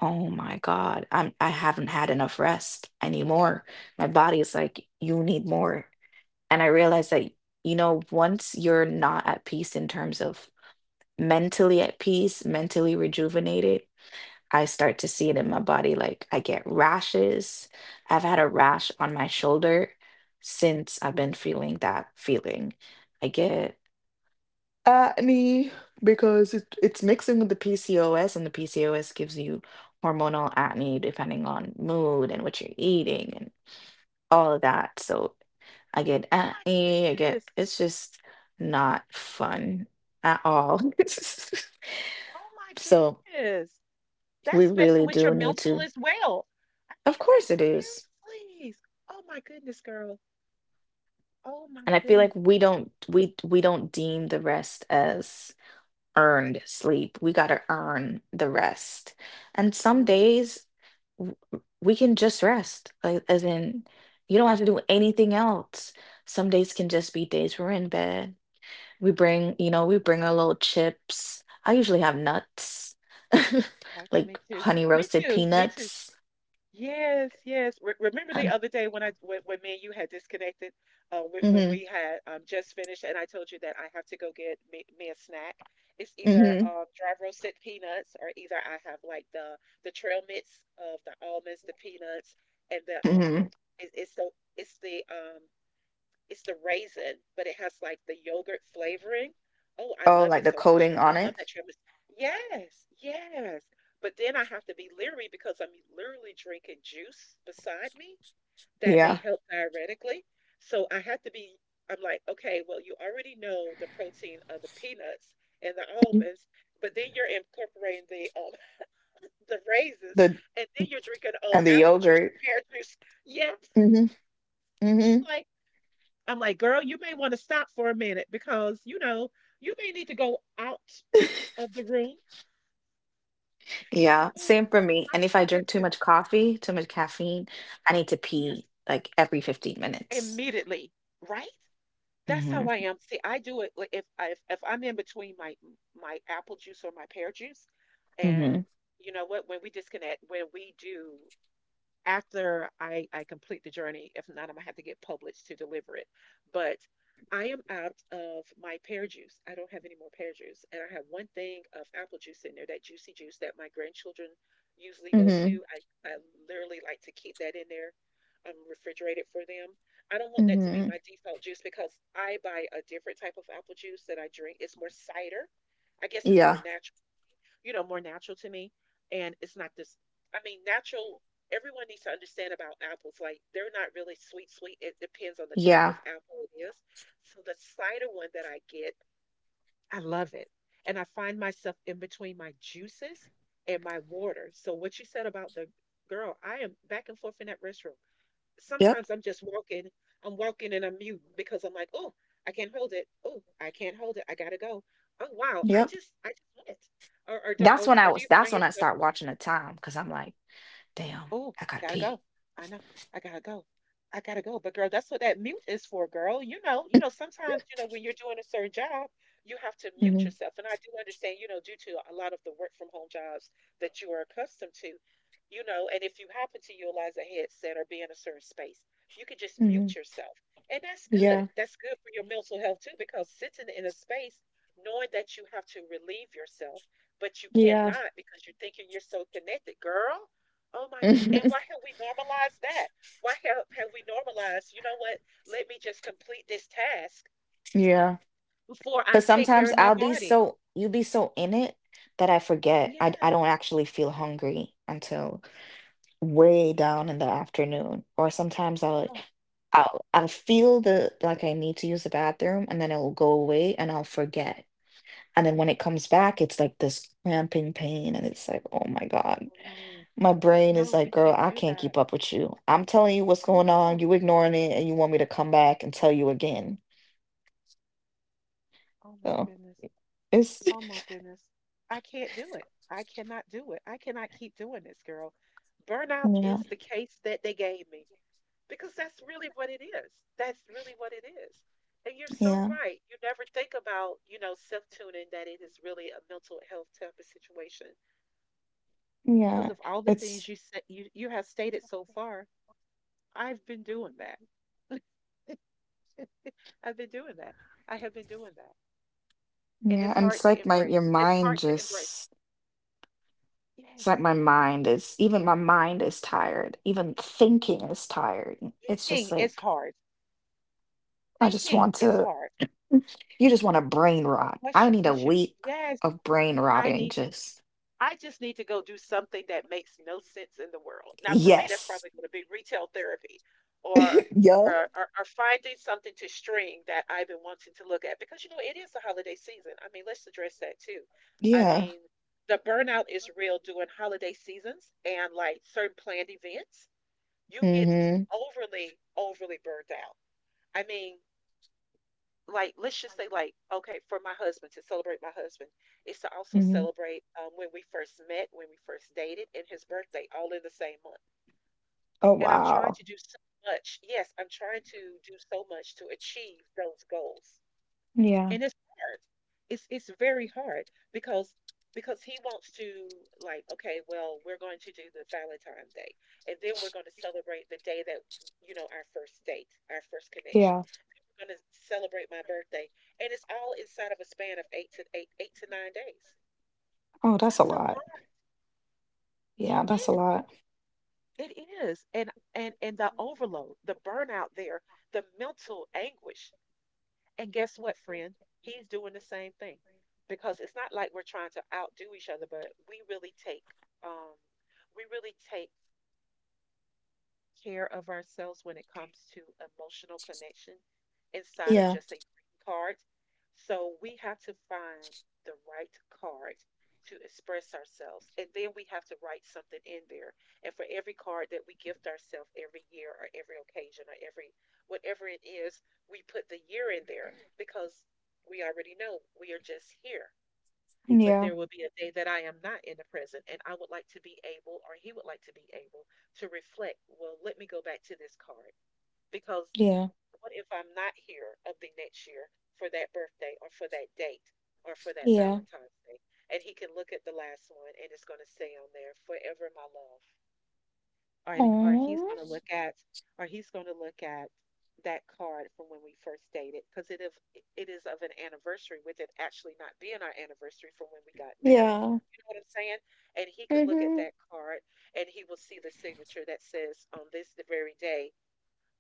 Speaker 1: oh my god, I haven't had enough rest, I need more. My body is like, you need more. And I realized that, once you're not at peace in terms of mentally at peace, mentally rejuvenated, I start to see it in my body, like I get rashes. I've had a rash on my shoulder since I've
Speaker 2: What?
Speaker 1: been
Speaker 2: Oh
Speaker 1: feeling that feeling. I get acne, because it, it's mixing with the PCOS, and the PCOS gives you hormonal acne depending on mood and what you're eating and all of that. So I get
Speaker 2: my
Speaker 1: acne, I get,
Speaker 2: goodness.
Speaker 1: it's just not fun at all.
Speaker 2: Oh my
Speaker 1: So
Speaker 2: goodness.
Speaker 1: we
Speaker 2: That's messing
Speaker 1: really
Speaker 2: with your
Speaker 1: do need
Speaker 2: mental
Speaker 1: to,
Speaker 2: as well. I
Speaker 1: of
Speaker 2: mean, like,
Speaker 1: course it is.
Speaker 2: seriously. Oh my goodness, girl. Oh my
Speaker 1: And I feel
Speaker 2: goodness.
Speaker 1: like we don't deem the rest as earned sleep. We gotta earn the rest. And some
Speaker 2: Mm,
Speaker 1: days, w- we can just rest, like as in
Speaker 2: you're
Speaker 1: you don't have to
Speaker 2: right.
Speaker 1: do anything else. Some days can just be days we're in bed, we bring our little chips. I usually have nuts
Speaker 2: Right. Me
Speaker 1: like
Speaker 2: too.
Speaker 1: honey
Speaker 2: Me
Speaker 1: roasted
Speaker 2: too. Me too.
Speaker 1: peanuts.
Speaker 2: Yes, yes. Re remember the other day when me and you had disconnected, when
Speaker 1: Mm-hmm.
Speaker 2: we had just finished, and I told you that I have to go get me a snack. It's either
Speaker 1: Mm-hmm.
Speaker 2: dry roasted peanuts, or either I have like the trail mix of the almonds, the peanuts, and the
Speaker 1: Hmm.
Speaker 2: it, it's the it's the it's the raisin, but it has like the yogurt flavoring. Oh, I
Speaker 1: Oh,
Speaker 2: love
Speaker 1: like
Speaker 2: it
Speaker 1: the
Speaker 2: so much,
Speaker 1: coating
Speaker 2: girl.
Speaker 1: on
Speaker 2: I love
Speaker 1: it.
Speaker 2: that tiramisu. Yes, yes. But then I have to be leery because I'm literally drinking juice beside me that may
Speaker 1: Yeah.
Speaker 2: help diuretically. So I have to be, I'm like, okay, well, you already know the protein of the peanuts and the
Speaker 1: Mhm.
Speaker 2: almonds, but then you're incorporating the the raisins,
Speaker 1: the
Speaker 2: and then you're drinking on
Speaker 1: And the
Speaker 2: apple juice or
Speaker 1: yogurt.
Speaker 2: pear juice. Yes,
Speaker 1: Hmm. Hmm.
Speaker 2: like I'm like, girl, you may want to stop for a minute because, you may need to go out of the room. So
Speaker 1: Yeah, same
Speaker 2: I'm
Speaker 1: for me. And if I
Speaker 2: like that
Speaker 1: drink too
Speaker 2: too.
Speaker 1: much coffee, too much caffeine, I need to pee
Speaker 2: Yes,
Speaker 1: like every 15 minutes.
Speaker 2: immediately, right? That's how
Speaker 1: Mhm.
Speaker 2: I am. See, I do it like, if I'm in between my apple juice or my pear juice, and
Speaker 1: Mhm.
Speaker 2: you know what? When we disconnect, when we do after I complete the journey. If not, I'm gonna have to get published to deliver it. But I am out of my pear juice. I don't have any more pear juice. And I have one thing of apple juice in there, that juicy juice that my grandchildren usually go
Speaker 1: Mhm.
Speaker 2: to. I literally like to keep that in there. Refrigerated for them. I don't want that to be
Speaker 1: Mhm.
Speaker 2: my default juice because I buy a different type of apple juice that I drink. It's more cider. I guess it's more
Speaker 1: Yeah.
Speaker 2: natural, more natural to me. And it's not this, I mean, natural, everyone needs to understand about apples. Like, they're not really sweet, sweet. It depends on the type of
Speaker 1: Yeah.
Speaker 2: apple it is. So the cider one that I get, I love it. And I find myself in between my juices and my water. So what you said about the girl, I am back and forth in that restroom
Speaker 1: Yep.
Speaker 2: sometimes I'm just walking. I'm walking and I'm mute because I'm like, oh, I can't hold it. Oh, I can't hold it. I gotta go. Oh wow, I
Speaker 1: Yep.
Speaker 2: just I just went. Or or do
Speaker 1: That's
Speaker 2: or,
Speaker 1: when I
Speaker 2: or do
Speaker 1: was
Speaker 2: you
Speaker 1: that's
Speaker 2: find
Speaker 1: when I
Speaker 2: yourself.
Speaker 1: start watching the time because I'm like, damn,
Speaker 2: Oh,
Speaker 1: I gotta
Speaker 2: gotta
Speaker 1: pee.
Speaker 2: go. I know. I gotta go. I gotta go. But girl, that's what that mute is for, girl. Sometimes, when you're doing a certain job, you have to mute
Speaker 1: Mhm.
Speaker 2: yourself. And I do understand, due to a lot of the work from home jobs that you are accustomed to, and if you happen to utilize a headset or be in a certain space, you can just mute
Speaker 1: Mhm.
Speaker 2: yourself. And that's good.
Speaker 1: Yeah.
Speaker 2: That's good for your mental health too, because sitting in a space, knowing that you have to relieve yourself, but you
Speaker 1: Yeah.
Speaker 2: cannot because you're thinking you're so connected, girl. Oh my good. And why have we normalized that? Why have we normalized, you know what? Let me just complete this task
Speaker 1: Yeah.
Speaker 2: before I
Speaker 1: Cause
Speaker 2: take care
Speaker 1: sometimes
Speaker 2: of my
Speaker 1: I'll be
Speaker 2: body.
Speaker 1: so you be so in it that I forget. I
Speaker 2: Yes.
Speaker 1: don't actually feel hungry until way down in the afternoon. Or sometimes I'll like
Speaker 2: Oh,
Speaker 1: I'll feel the like I need to use the bathroom and then it'll go away and I'll forget. And then when it comes back, it's like this cramping pain. And it's like, oh my God.
Speaker 2: oh, no.
Speaker 1: My brain is
Speaker 2: No,
Speaker 1: like,
Speaker 2: we
Speaker 1: girl,
Speaker 2: can't
Speaker 1: I
Speaker 2: do
Speaker 1: can't
Speaker 2: that.
Speaker 1: keep up with you. I'm telling you what's
Speaker 2: I
Speaker 1: going on.
Speaker 2: know.
Speaker 1: You ignoring it and you want me to come back and tell you again.
Speaker 2: Oh my
Speaker 1: So
Speaker 2: goodness.
Speaker 1: it's,
Speaker 2: Oh my goodness. I can't do it. I cannot do it. I cannot keep doing this, girl. Burnout
Speaker 1: yeah,
Speaker 2: is the case that they gave me, because that's really what it is. That's really what it is. And you're so
Speaker 1: yeah,
Speaker 2: right. You never think about, self-tuning that it is really a mental health type of situation because
Speaker 1: yeah.
Speaker 2: of all the things
Speaker 1: It's,
Speaker 2: you said you have stated so far. I've been doing that. I've been doing that. I have been doing that. And it's
Speaker 1: yeah. And
Speaker 2: hard
Speaker 1: it's
Speaker 2: to
Speaker 1: like my, your
Speaker 2: embrace. It's
Speaker 1: mind
Speaker 2: hard to embrace.
Speaker 1: just, it's
Speaker 2: Yes.
Speaker 1: like my mind is, even my mind is tired. Even thinking is tired. It's just
Speaker 2: Thinking is
Speaker 1: like,
Speaker 2: hard.
Speaker 1: I just
Speaker 2: Thinking
Speaker 1: want
Speaker 2: is
Speaker 1: to.
Speaker 2: hard.
Speaker 1: You just want a brain rot.
Speaker 2: Once
Speaker 1: I
Speaker 2: you,
Speaker 1: need a
Speaker 2: once you,
Speaker 1: week
Speaker 2: yes,
Speaker 1: of brain
Speaker 2: I
Speaker 1: rotting.
Speaker 2: need to
Speaker 1: Just
Speaker 2: I just need to go do something that makes no sense in the world. Now, for me, that's
Speaker 1: yes.
Speaker 2: probably going to be retail therapy or,
Speaker 1: Yeah.
Speaker 2: or finding something to string that I've been wanting to look at because, it is the holiday season. I mean, let's address that too. I
Speaker 1: Yeah.
Speaker 2: mean, the burnout is real during holiday seasons and like certain planned events. You get
Speaker 1: Mm-hmm.
Speaker 2: overly, overly burned out. I mean, like let's just say, like, okay, for my husband to celebrate my husband is to also
Speaker 1: hmm
Speaker 2: celebrate, when we first met, when we first dated, and his birthday all in the same month.
Speaker 1: Oh
Speaker 2: And I'm trying
Speaker 1: wow.
Speaker 2: to do so much. Yes, I'm trying to do so much to achieve those goals.
Speaker 1: Yeah.
Speaker 2: And it's hard. It's very hard, because because he wants to. Like, okay, well, we're going to do the Valentine day, and then we're going to celebrate the day that, you know, our first date, our first connection,
Speaker 1: Yeah.
Speaker 2: we're gonna celebrate my birthday. And it's all inside of a span of 8 to 9 days.
Speaker 1: Oh, that's a
Speaker 2: That's so long.
Speaker 1: lot.
Speaker 2: It
Speaker 1: Yeah, that's a
Speaker 2: is.
Speaker 1: lot.
Speaker 2: It is. And the overload, the burnout there, the mental anguish. And guess what, friend? He's doing the same thing. Because it's not like we're trying to outdo each other, but um we really take care of ourselves when it comes to emotional connection inside of
Speaker 1: Yeah.
Speaker 2: just a green card. So we have to find the right card to express ourselves. And then we have to write something in there. And for every card that we gift ourselves every year or every occasion or every whatever it is, we put the year in there because we already know we are just here. But
Speaker 1: Yeah.
Speaker 2: there will be a day that I am not in the present, and I would like to be able, or he would like to be able, to reflect. Well, let me go back to this card because
Speaker 1: Yeah.
Speaker 2: what if I'm not here of the next year for that birthday or for that date or for that
Speaker 1: Yeah.
Speaker 2: Valentine's Day? And he can look at the last one and it's going to say on there, Forever My Love, or
Speaker 1: Oh.
Speaker 2: he's going to look at that card from when we first dated, because it is of an anniversary, with it actually not being our anniversary from when we got married.
Speaker 1: Yeah.
Speaker 2: You know what I'm saying? And he could look at
Speaker 1: Mm-hmm.
Speaker 2: that card and he will see the signature that says on this the very day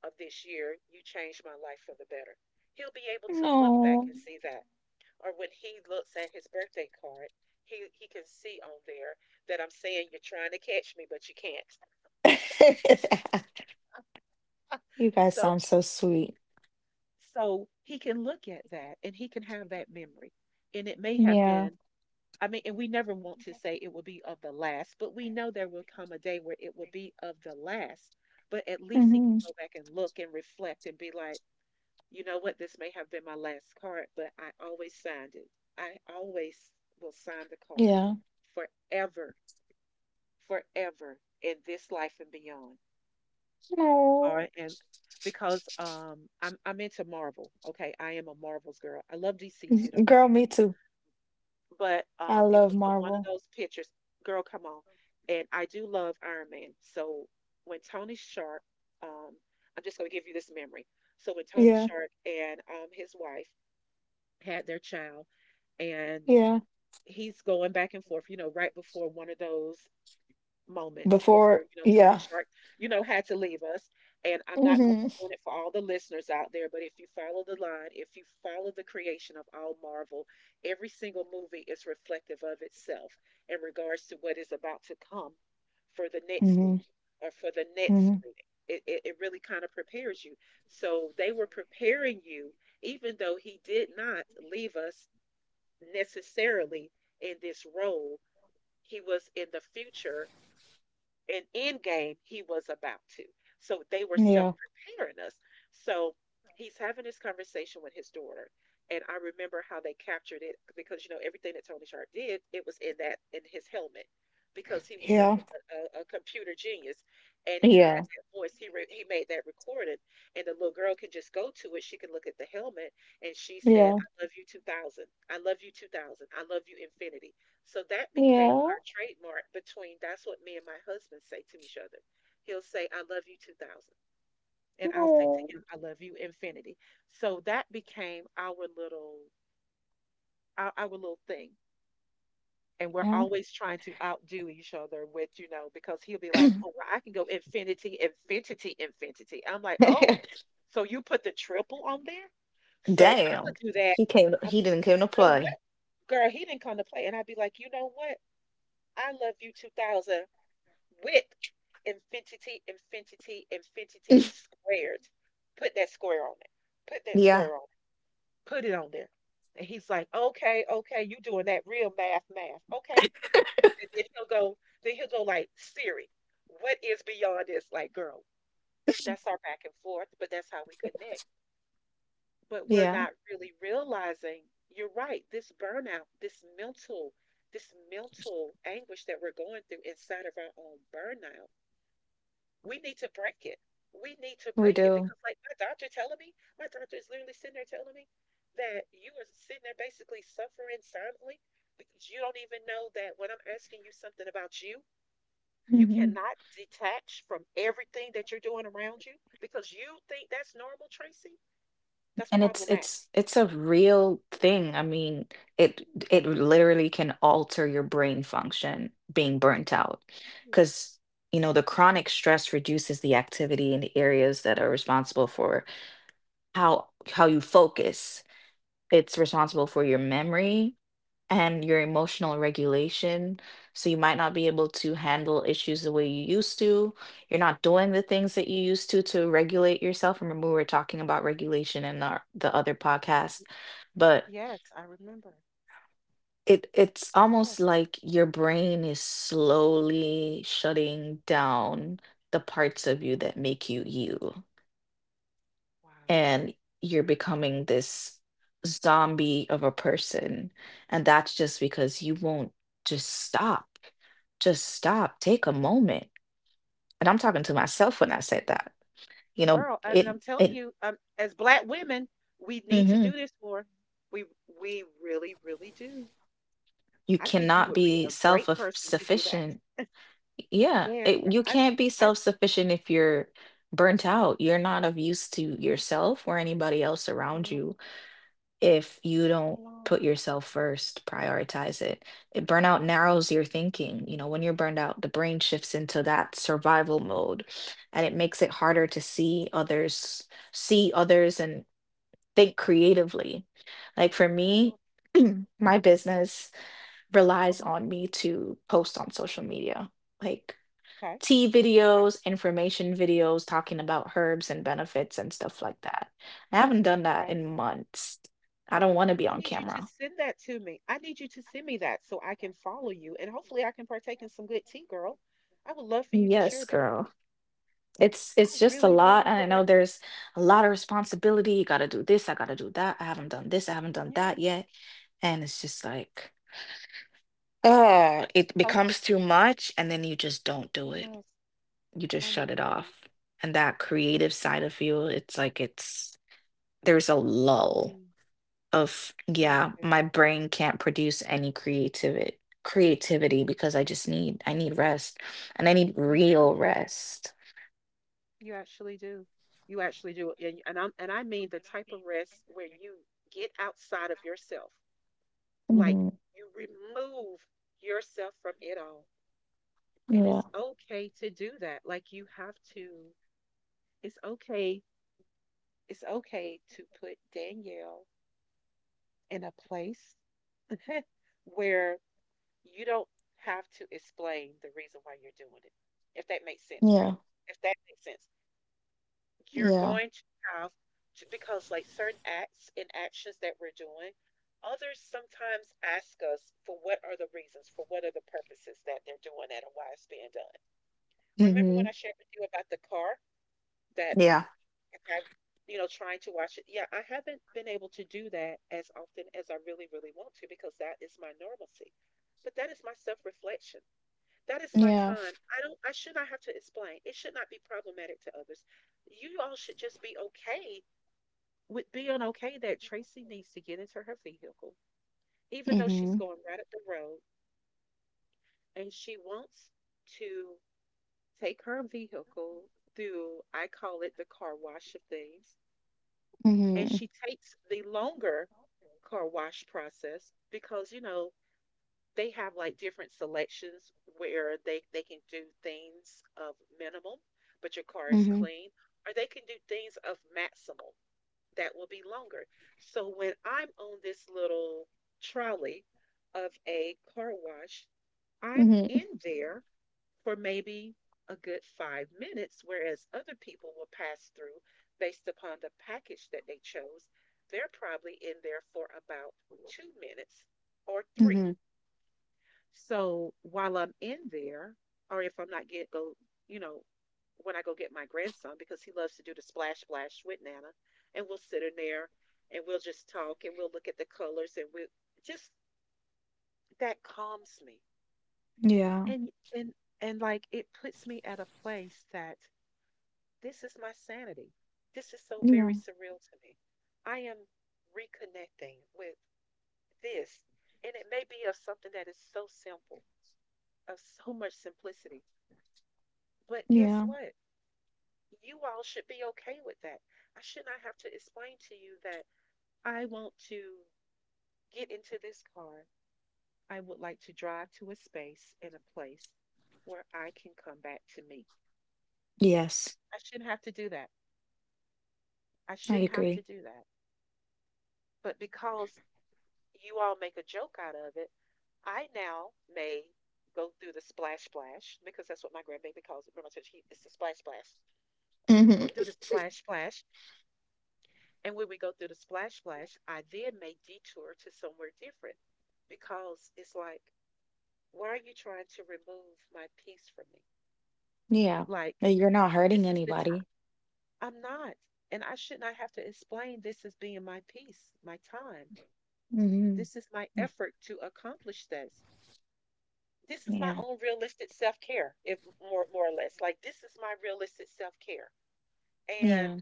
Speaker 2: of this year you changed my life for the better. He'll be able to look back
Speaker 1: No.
Speaker 2: and see that. Or when he looks at his birthday card, he can see on there that I'm saying you're trying to catch me but you can't.
Speaker 1: You guys
Speaker 2: So.
Speaker 1: sound so sweet.
Speaker 2: So he can look at that and he can have that memory. And it may have
Speaker 1: Yeah.
Speaker 2: been, I mean, and we never want to say it will be of the last, but we know there will come a day where it will be of the last. But at least he
Speaker 1: Mm-hmm.
Speaker 2: can go back and look and reflect and be like, you know what, this may have been my last card, but I always signed it. I always will sign the card
Speaker 1: Yeah.
Speaker 2: forever, forever in this life and beyond,
Speaker 1: No.
Speaker 2: are and because I'm into Marvel. Okay, I am a Marvels girl. I love DC too, don't get
Speaker 1: Girl,
Speaker 2: me
Speaker 1: me too.
Speaker 2: wrong. But
Speaker 1: I
Speaker 2: it
Speaker 1: love
Speaker 2: was on one of
Speaker 1: Marvel.
Speaker 2: those pictures. Girl, come on. And I do love Iron Man. So when Tony Sharp, um I'm just gonna give you this memory. So when Tony
Speaker 1: Yeah,
Speaker 2: Sharp and his wife had their child, and
Speaker 1: yeah.
Speaker 2: he's going back and forth, right before one of those moments, before,
Speaker 1: Before,
Speaker 2: Tony
Speaker 1: yeah.
Speaker 2: Shark, had to leave us. And I'm not going
Speaker 1: Mm-hmm.
Speaker 2: to ruin it for all the listeners out there, but if you follow the line, if you follow the creation of all Marvel, every single movie is reflective of itself in regards to what is about to come for the next
Speaker 1: Mm-hmm.
Speaker 2: movie or for the next
Speaker 1: Mm-hmm.
Speaker 2: screening. It really kind of prepares you. So they were preparing you, even though he did not leave us necessarily in this role. He was in the future an end game he was about to. So they were self
Speaker 1: Yeah.
Speaker 2: preparing us. So he's having this conversation with his daughter. And I remember how they captured it because, everything that Tony Sharp did, it was in his helmet, because he was
Speaker 1: Yeah.
Speaker 2: nothing but a computer genius. And he
Speaker 1: Yeah.
Speaker 2: had that voice. He made that recorded. And the little girl can just go to it. She can look at the helmet, and she said,
Speaker 1: Yeah.
Speaker 2: I love you 2000. I love you 2000. I love you infinity. So that became
Speaker 1: Yeah.
Speaker 2: trademark between that's what me and my husband say to each other. He'll say, I love you 2000. And I'll say
Speaker 1: No.
Speaker 2: to him, I love you infinity. So that became our little thing. And we're
Speaker 1: Yeah.
Speaker 2: always trying to outdo each other with, because he'll be like, oh, well, I can go infinity, infinity, infinity. I'm like, oh, so you put the triple on there? So I'm
Speaker 1: Damn.
Speaker 2: gonna do that.
Speaker 1: He came,
Speaker 2: I'm
Speaker 1: he didn't
Speaker 2: like,
Speaker 1: come
Speaker 2: you
Speaker 1: to
Speaker 2: know what,
Speaker 1: play.
Speaker 2: girl, he didn't come to play. And I'd be like, you know what? I love you 2000. With infinity, infinity, infinity squared. Put that square on it. Put that
Speaker 1: Yeah.
Speaker 2: square on it. Put it on there. And he's like, okay, okay, you doing that real math, math. Okay. And then he'll go, Then he'll go like, Siri, what is beyond this? Like, girl, that's our back and forth, but that's how we connect. But we're
Speaker 1: Yeah.
Speaker 2: not really realizing, you're right, this burnout, this mental anguish that we're going through inside of our own burnout. We need to break it. We need to
Speaker 1: We
Speaker 2: break it
Speaker 1: do.
Speaker 2: because, like, my doctor telling me, My doctor is literally sitting there telling me that you are sitting there basically suffering silently because you don't even know that when I'm asking you something about you, you
Speaker 1: hmm
Speaker 2: cannot detach from everything that you're doing around you because you think that's normal, Tracy. That's
Speaker 1: And
Speaker 2: problematic.
Speaker 1: it's a real thing. I mean, it literally can alter your brain function being burnt out.
Speaker 2: Yes, yes,
Speaker 1: Because, you know, the chronic stress reduces the activity in the areas that are responsible for how you focus. It's responsible for your memory, and your emotional regulation. So you might not be able to handle issues the way you used to. You're not doing the
Speaker 2: yes.
Speaker 1: things that you used to regulate yourself. Remember, we were talking about regulation in our, the other podcast, but
Speaker 2: Yes, I remember.
Speaker 1: it's almost
Speaker 2: Yes.
Speaker 1: like your brain is slowly shutting down the parts of you that make you you.
Speaker 2: Wow.
Speaker 1: And you're becoming this zombie of a person. And that's just because you won't just stop. Just stop. Take a moment. And I'm talking to myself when I
Speaker 2: Wow.
Speaker 1: said that. You know,
Speaker 2: Girl, I,
Speaker 1: it
Speaker 2: I'm telling
Speaker 1: it
Speaker 2: you, as black women, we need to do
Speaker 1: mhm.
Speaker 2: this more. We we really, really do.
Speaker 1: You
Speaker 2: I think you
Speaker 1: cannot
Speaker 2: would be
Speaker 1: be
Speaker 2: a great person to do that.
Speaker 1: self-sufficient. Yeah,
Speaker 2: Yes,
Speaker 1: it,
Speaker 2: yeah,
Speaker 1: you can't be
Speaker 2: I,
Speaker 1: self-sufficient if you're burnt out. You're not of use to
Speaker 2: okay,
Speaker 1: yourself or anybody else around
Speaker 2: yeah,
Speaker 1: you if you don't put
Speaker 2: yeah,
Speaker 1: yourself first, prioritize it. It. Burnout narrows your thinking. You know, when you're burned out, the brain shifts into that survival mode and it makes it harder to see others and think creatively. Like for
Speaker 2: yeah,
Speaker 1: me, my
Speaker 2: yes,
Speaker 1: business relies
Speaker 2: uh-huh,
Speaker 1: on me to post on social media. Like
Speaker 2: okay,
Speaker 1: tea
Speaker 2: okay,
Speaker 1: videos, information videos talking about herbs and benefits and stuff like that. I haven't done that
Speaker 2: okay.
Speaker 1: in months. I don't want to be
Speaker 2: I
Speaker 1: on
Speaker 2: need you to
Speaker 1: camera.
Speaker 2: send that to me. I need you to send me that so I can follow you, and hopefully I can partake in some good tea, girl. I would love for you to
Speaker 1: Yes,
Speaker 2: share that with
Speaker 1: girl.
Speaker 2: me.
Speaker 1: It's
Speaker 2: I
Speaker 1: just a
Speaker 2: really,
Speaker 1: lot,
Speaker 2: really
Speaker 1: and I
Speaker 2: would
Speaker 1: know
Speaker 2: like to.
Speaker 1: there's a lot of responsibility. You gotta do this, I gotta do that. I haven't done this, I haven't done that
Speaker 2: Yeah,
Speaker 1: yet. And it's just like, oh, it
Speaker 2: post.
Speaker 1: becomes too much, and then you just don't do it.
Speaker 2: Yes.
Speaker 1: You just
Speaker 2: Oh
Speaker 1: shut
Speaker 2: my
Speaker 1: it
Speaker 2: goodness.
Speaker 1: off. And that creative side of you, it's like it's there's a lull
Speaker 2: Mm.
Speaker 1: of,
Speaker 2: Oh my
Speaker 1: yeah,
Speaker 2: goodness.
Speaker 1: my brain can't produce any creativity because I need rest and I need
Speaker 2: You do.
Speaker 1: real rest.
Speaker 2: You actually do. You actually do. And I mean the type of rest where you get outside of yourself. Like
Speaker 1: hmm
Speaker 2: you remove yourself from it all. And
Speaker 1: Yeah.
Speaker 2: it's okay to do that. It's okay, it's okay to put Danielle in a place where you don't have to explain the reason why you're doing it. If that makes sense, friend.
Speaker 1: Yeah.
Speaker 2: If that makes sense. You're
Speaker 1: Yeah.
Speaker 2: going to have to, because like certain acts and actions that we're doing, others sometimes ask us for what are the reasons, for what are the purposes that they're doing that and why it's being done. Remember when
Speaker 1: hmm
Speaker 2: I shared with you about the car that
Speaker 1: Yeah.
Speaker 2: if I, you know, trying to watch it? Yeah, I haven't been able to do that as often as I really, really want to because that is my normalcy. But that is my self reflection. That is my
Speaker 1: Yeah.
Speaker 2: time. I should not have to explain. It should not be problematic to others. You all should just be okay with being okay that Tracy needs to get into her vehicle, even though she's
Speaker 1: Mm-hmm.
Speaker 2: going right up the road and she wants to take her vehicle through, I call it the car wash of things. And
Speaker 1: Mm-hmm.
Speaker 2: she takes the longer car wash process because, you know, they have like different selections where they can do things of minimum, but your car is
Speaker 1: Mm-hmm.
Speaker 2: clean, or they can do things of maximal. That will be longer. So when I'm on this little trolley of a car wash, I'm
Speaker 1: Mm-hmm.
Speaker 2: in there for maybe a good 5 minutes, whereas other people will pass through based upon the package that they chose. They're probably in there for about 2 minutes or three.
Speaker 1: Mm-hmm.
Speaker 2: So while I'm in there, or if I'm not get go, you know, when I go get my grandson because he loves to do the splash splash with Nana, and we'll sit in there and we'll just talk and we'll look at the colors and we just that calms me
Speaker 1: Yeah.
Speaker 2: and and and like it puts me at a place that this is my sanity. This is so very
Speaker 1: Yeah.
Speaker 2: surreal to me. I am reconnecting with this, and it may be of something that is so simple, of so much simplicity. But guess
Speaker 1: Yeah.
Speaker 2: what? You all should be okay with that. I should not have to explain to you that I want to get into this car. I would like to drive to a space and a place where I can come back to me.
Speaker 1: Yes,
Speaker 2: I shouldn't have to do that. I
Speaker 1: I
Speaker 2: shouldn't have to
Speaker 1: agree.
Speaker 2: do that. But because you all make a joke out of it, I now may go through the splash splash because that's what my grandbaby calls it. Remember, I said it's the splash splash. And we'll go through
Speaker 1: Mm-hmm.
Speaker 2: the splash splash. And when we go through the splash splash, I then may detour to somewhere different because it's like, why are you trying to remove my peace from me?
Speaker 1: Yeah.
Speaker 2: Like,
Speaker 1: No, you're not hurting
Speaker 2: this is the time.
Speaker 1: anybody.
Speaker 2: I'm not. And I should not have to explain this as being my peace, my time.
Speaker 1: Mm-hmm.
Speaker 2: This is my
Speaker 1: Mm,
Speaker 2: effort to accomplish this. This is my
Speaker 1: yeah.
Speaker 2: own realistic self care, if more or less. Like this is my realistic self care. And
Speaker 1: Yeah.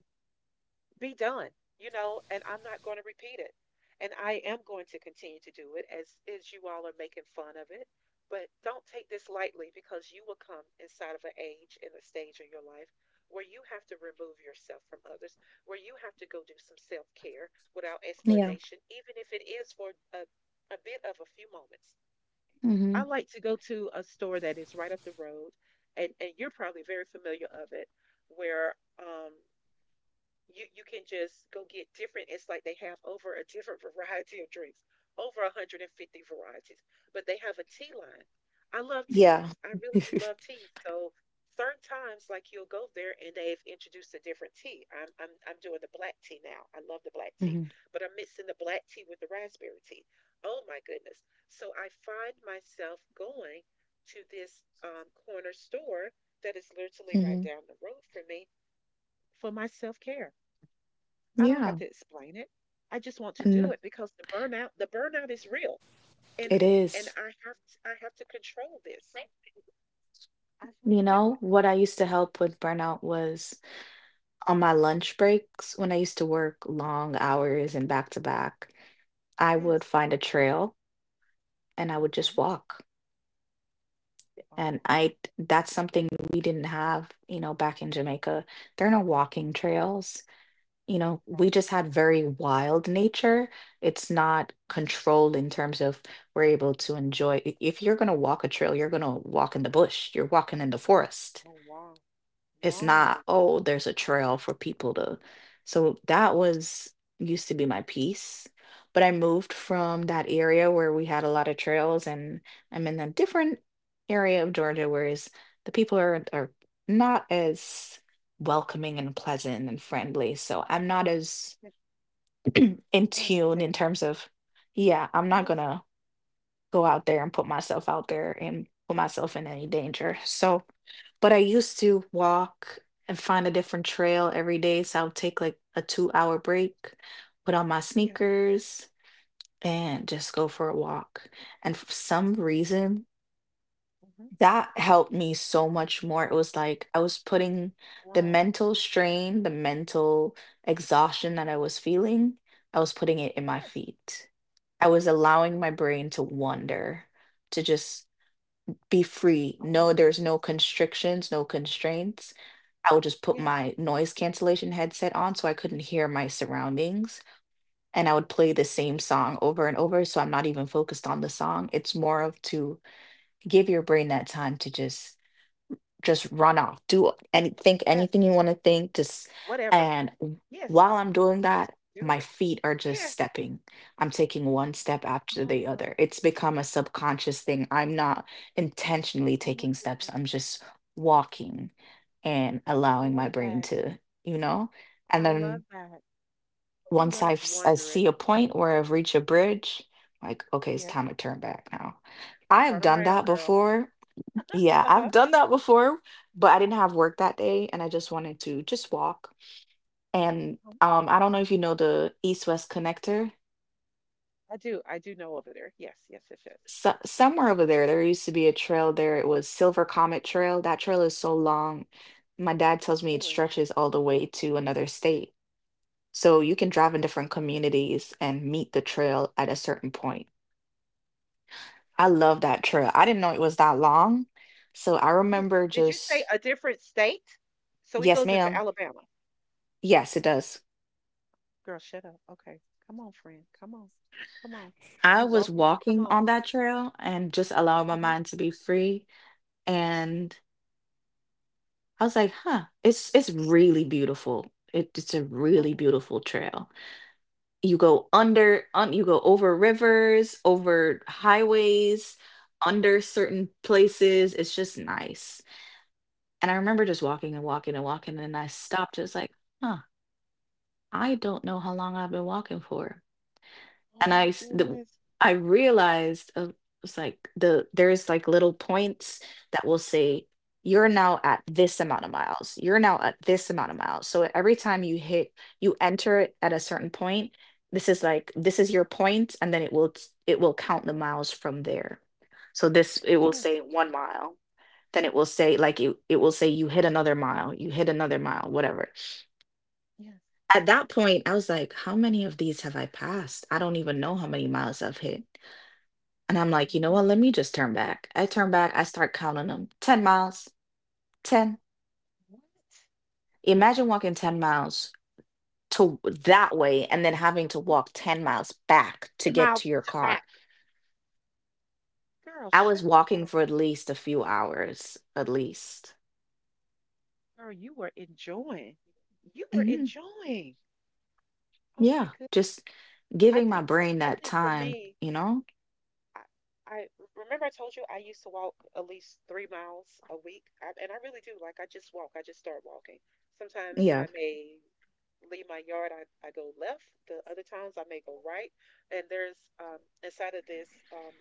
Speaker 2: be done, you know, and I'm not going to repeat it. And I am going to continue to do it as you all are making fun of it. But don't take this lightly because you will come inside of an age and a stage in your life where you have to remove yourself from others, where you have to go do some self care without
Speaker 1: Yeah.
Speaker 2: explanation, even if it is for a bit of a few moments. I
Speaker 1: Mhm.
Speaker 2: like to go to a store that is right up the road, and you're probably very familiar of it, where you can just go get different. It's like they have over a different variety of drinks, over 150 varieties, but they have a tea line. I love
Speaker 1: Yeah.
Speaker 2: teas. I really do love teas. So certain times, like you'll go there and they've introduced a different tea. I'm doing the black tea now. I love the black tea,
Speaker 1: Mhm.
Speaker 2: but I'm mixing the black tea with the raspberry tea. Oh my goodness! So I find myself going to this corner store that is literally right
Speaker 1: Mhm.
Speaker 2: down the road for me for my self care. I don't have
Speaker 1: Yeah.
Speaker 2: to explain it. I just want to do
Speaker 1: And
Speaker 2: it because the burnout is real, and
Speaker 1: it
Speaker 2: and
Speaker 1: is.
Speaker 2: I have to control this. I have
Speaker 1: You
Speaker 2: to do
Speaker 1: know,
Speaker 2: it.
Speaker 1: what I used to help with burnout was on my lunch breaks. When I used to work long hours and back to back, I would
Speaker 2: Yes.
Speaker 1: find a trail and I would just
Speaker 2: Okay.
Speaker 1: walk. And
Speaker 2: Wow.
Speaker 1: I that's something we didn't have, you know, back in Jamaica. There are no walking trails. You know, we
Speaker 2: Okay.
Speaker 1: just had very wild nature. It's not
Speaker 2: uh
Speaker 1: controlled in terms of we're able to enjoy. If you're going to walk a trail, you're going to walk in the bush, you're walking in the forest.
Speaker 2: Oh wow.
Speaker 1: It's not,
Speaker 2: No,
Speaker 1: oh, there's a trail for people to. So that was used to be my piece. But I moved from that area where we had a lot of trails, and I'm in a different area of Georgia whereas the people are not as welcoming and pleasant and friendly. So I'm not
Speaker 2: I
Speaker 1: as
Speaker 2: can, I
Speaker 1: in
Speaker 2: can
Speaker 1: tune in
Speaker 2: understand that.
Speaker 1: terms of, yeah, I'm not
Speaker 2: Yes.
Speaker 1: gonna go out there and put myself out there and put myself in any danger. So, but I used to walk and find a different trail every day. So I would take like a 2 hour break, put on my
Speaker 2: Yes.
Speaker 1: sneakers, and just go for a walk. And for some reason,
Speaker 2: Hmm.
Speaker 1: that helped me so much more. It was like I was putting the
Speaker 2: Wow.
Speaker 1: mental strain, the mental exhaustion that I was feeling, I was putting it in my
Speaker 2: Yes.
Speaker 1: feet. I was allowing
Speaker 2: Oh
Speaker 1: my
Speaker 2: my
Speaker 1: brain to
Speaker 2: goodness.
Speaker 1: wander, to just be free.
Speaker 2: Oh
Speaker 1: No,
Speaker 2: my
Speaker 1: there's no
Speaker 2: goodness.
Speaker 1: constrictions, no constraints. I would just put
Speaker 2: Yes.
Speaker 1: my noise cancellation headset on so I couldn't hear my surroundings. And I would
Speaker 2: Oh
Speaker 1: play
Speaker 2: wow.
Speaker 1: the same song over and over. So I'm not even focused on the song. It's more of to give your brain that time to just run off, do any think
Speaker 2: Yes.
Speaker 1: anything you want to think, just
Speaker 2: Whatever.
Speaker 1: and
Speaker 2: Yes.
Speaker 1: while I'm doing
Speaker 2: Just
Speaker 1: that
Speaker 2: do
Speaker 1: my
Speaker 2: it.
Speaker 1: feet are just
Speaker 2: Yes.
Speaker 1: stepping, I'm taking one step after
Speaker 2: Oh
Speaker 1: the other,
Speaker 2: wow.
Speaker 1: it's become a subconscious thing. I'm not intentionally
Speaker 2: Oh my
Speaker 1: taking steps,
Speaker 2: goodness.
Speaker 1: I'm just walking and
Speaker 2: I
Speaker 1: allowing my
Speaker 2: love
Speaker 1: brain
Speaker 2: that.
Speaker 1: to, you know, and
Speaker 2: I
Speaker 1: then
Speaker 2: love that. I
Speaker 1: once
Speaker 2: love the
Speaker 1: I
Speaker 2: Wanderers.
Speaker 1: see a point where I've reached a bridge, like okay it's
Speaker 2: Yes.
Speaker 1: time to turn back now. I have
Speaker 2: Turn
Speaker 1: done that
Speaker 2: around, girl.
Speaker 1: before, yeah,
Speaker 2: Uh
Speaker 1: I've
Speaker 2: huh.
Speaker 1: done that before, but I didn't have work that day and I just wanted to just walk. And
Speaker 2: Uh-huh.
Speaker 1: I don't know if you know the East-West Connector.
Speaker 2: I do. I do know over there. Yes. Yes. Yes. Yes.
Speaker 1: So somewhere over there,
Speaker 2: Yes.
Speaker 1: there used to be a trail there. It was Silver Comet Trail. That trail is so long. My dad tells me it
Speaker 2: Really.
Speaker 1: stretches all the way to another state. So you can
Speaker 2: What?
Speaker 1: drive in different communities and meet the trail at a certain point. I love that trail. I didn't know it was that long. So I
Speaker 2: Yeah.
Speaker 1: remember
Speaker 2: Did you say
Speaker 1: just,
Speaker 2: a different state? So it
Speaker 1: yes,
Speaker 2: goes into
Speaker 1: ma'am.
Speaker 2: Alabama.
Speaker 1: Yes, it does.
Speaker 2: Girl, shut up. Okay. Come on, friend. Come on. Come on.
Speaker 1: I
Speaker 2: You
Speaker 1: was
Speaker 2: walking. Come
Speaker 1: walking
Speaker 2: on.
Speaker 1: on that trail and just allowing my
Speaker 2: Uh huh.
Speaker 1: mind to be free. And I was like, huh, it's really beautiful. It's a
Speaker 2: Oh.
Speaker 1: really beautiful trail. You go you go over rivers, over highways, under certain places. It's just nice. And I remember just walking and walking and walking. And I stopped. It was like, huh, I don't know how long I've been walking for,
Speaker 2: Oh
Speaker 1: and
Speaker 2: my goodness.
Speaker 1: I realized it's like the there's like little points that will say you're now at this amount of miles. You're now at this amount of miles. So every time you hit you enter it at a certain point, this is like this is your point and then it will count the miles from there. So this it will say
Speaker 2: Yes.
Speaker 1: 1 mile. Then it will say like it will say you hit another mile, you hit another mile, whatever.
Speaker 2: Yes.
Speaker 1: At that point, I was like, how many of these have I passed? I don't even know how many miles I've hit. And I'm like, you know
Speaker 2: Uh-huh.
Speaker 1: what? Let me just turn back. I turn back, I start counting them, 10 miles, 10.
Speaker 2: What?
Speaker 1: Imagine walking 10 miles to that way and then having to walk 10 miles back to
Speaker 2: Fifty
Speaker 1: get to
Speaker 2: miles
Speaker 1: your
Speaker 2: back.
Speaker 1: car.
Speaker 2: Girl,
Speaker 1: I was
Speaker 2: shut the
Speaker 1: walking
Speaker 2: door.
Speaker 1: for at least a few hours, at least.
Speaker 2: Girl, you were enjoying. You were
Speaker 1: hmm
Speaker 2: enjoying. Oh my
Speaker 1: Yeah,
Speaker 2: goodness.
Speaker 1: just giving my brain
Speaker 2: I
Speaker 1: that
Speaker 2: think for
Speaker 1: time,
Speaker 2: me,
Speaker 1: you know?
Speaker 2: I, I remember I told you I used to walk at least 3 miles a week, I, and I really do. Like I just walk. I just start walking. Sometimes
Speaker 1: Yeah.
Speaker 2: I may leave my yard. I go left. The other times I may go right. And there's inside of this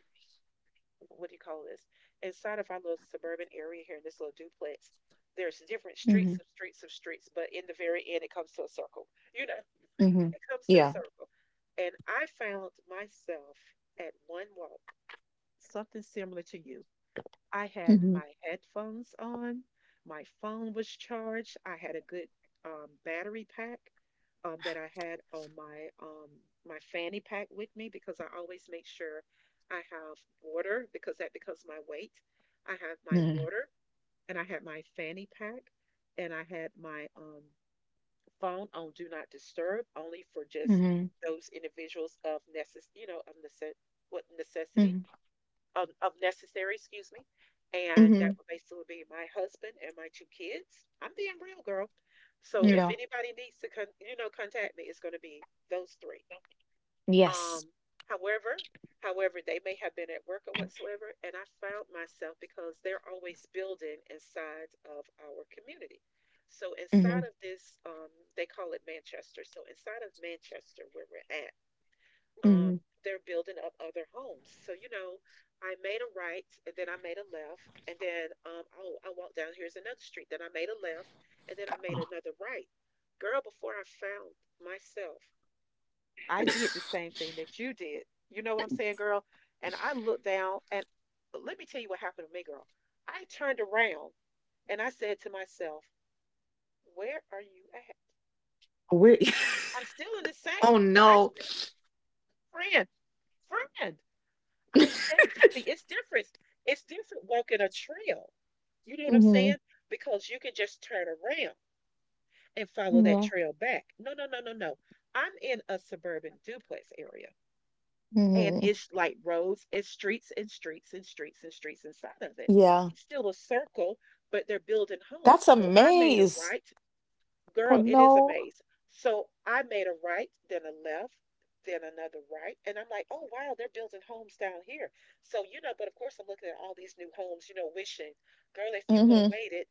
Speaker 2: what do you call this? Inside of our little suburban area here in this little duplex, there's different
Speaker 1: hmm
Speaker 2: streets of streets of streets, but in the very end it comes to a circle. You know.
Speaker 1: hmm
Speaker 2: It comes to a
Speaker 1: Yeah.
Speaker 2: circle. And I found myself at one walk, something similar to you. I had
Speaker 1: hmm
Speaker 2: my headphones on, my phone was charged, I had a good battery pack that I had on my my fanny pack with me because I always make sure I have water because that becomes my weight. I have my
Speaker 1: hmm
Speaker 2: water and I had my fanny pack and I had my phone on do not disturb only for just
Speaker 1: hmm
Speaker 2: those individuals of necess- you know, of necess- what necessity,
Speaker 1: hmm
Speaker 2: of necessary, excuse me. And that
Speaker 1: hmm
Speaker 2: would basically be my husband and my two kids. I'm being real, girl. So if
Speaker 1: Yeah.
Speaker 2: anybody needs to, contact me, it's going to be those three.
Speaker 1: Yes.
Speaker 2: Um, however, however, they may have been at work or whatsoever, and I found myself because they're always building inside of our community. So inside
Speaker 1: hmm
Speaker 2: of this, they call it Manchester. So inside of Manchester, where we're at, um,
Speaker 1: hmm
Speaker 2: they're building up other homes. So you know, I made a right, and then I made a left, and then oh, I walked down here's another street. Then I made a left, and then I made
Speaker 1: Oh,
Speaker 2: another right. Girl, before I found myself I did the same thing that you did. You know what I'm saying, girl? And I looked down, and let me tell you what happened to me, girl. I turned around and I said to myself, where are you at?
Speaker 1: we-
Speaker 2: I'm still in the same.
Speaker 1: oh,
Speaker 2: I'm
Speaker 1: no.
Speaker 2: still, friend, friend. I said, see, it's different. It's different walking a trail. You know what I'm
Speaker 1: hmm
Speaker 2: saying? Because you can just turn around and follow that
Speaker 1: Yeah.
Speaker 2: trail back. No, no, no, no, no. I'm in a suburban duplex area, and
Speaker 1: hmm
Speaker 2: it's like roads, it's streets and streets and streets and streets inside of it.
Speaker 1: Yeah,
Speaker 2: It's still a circle, but they're building homes.
Speaker 1: that's a
Speaker 2: So I made a
Speaker 1: maze.
Speaker 2: right.
Speaker 1: Oh
Speaker 2: Girl, it is a
Speaker 1: no.
Speaker 2: maze. So I made a right, then a left, then another right. And I'm like, oh, wow, they're building homes down here. So, you know, but of course, I'm looking at all these new homes, you know, wishing, girl, if you would have
Speaker 1: hmm
Speaker 2: waited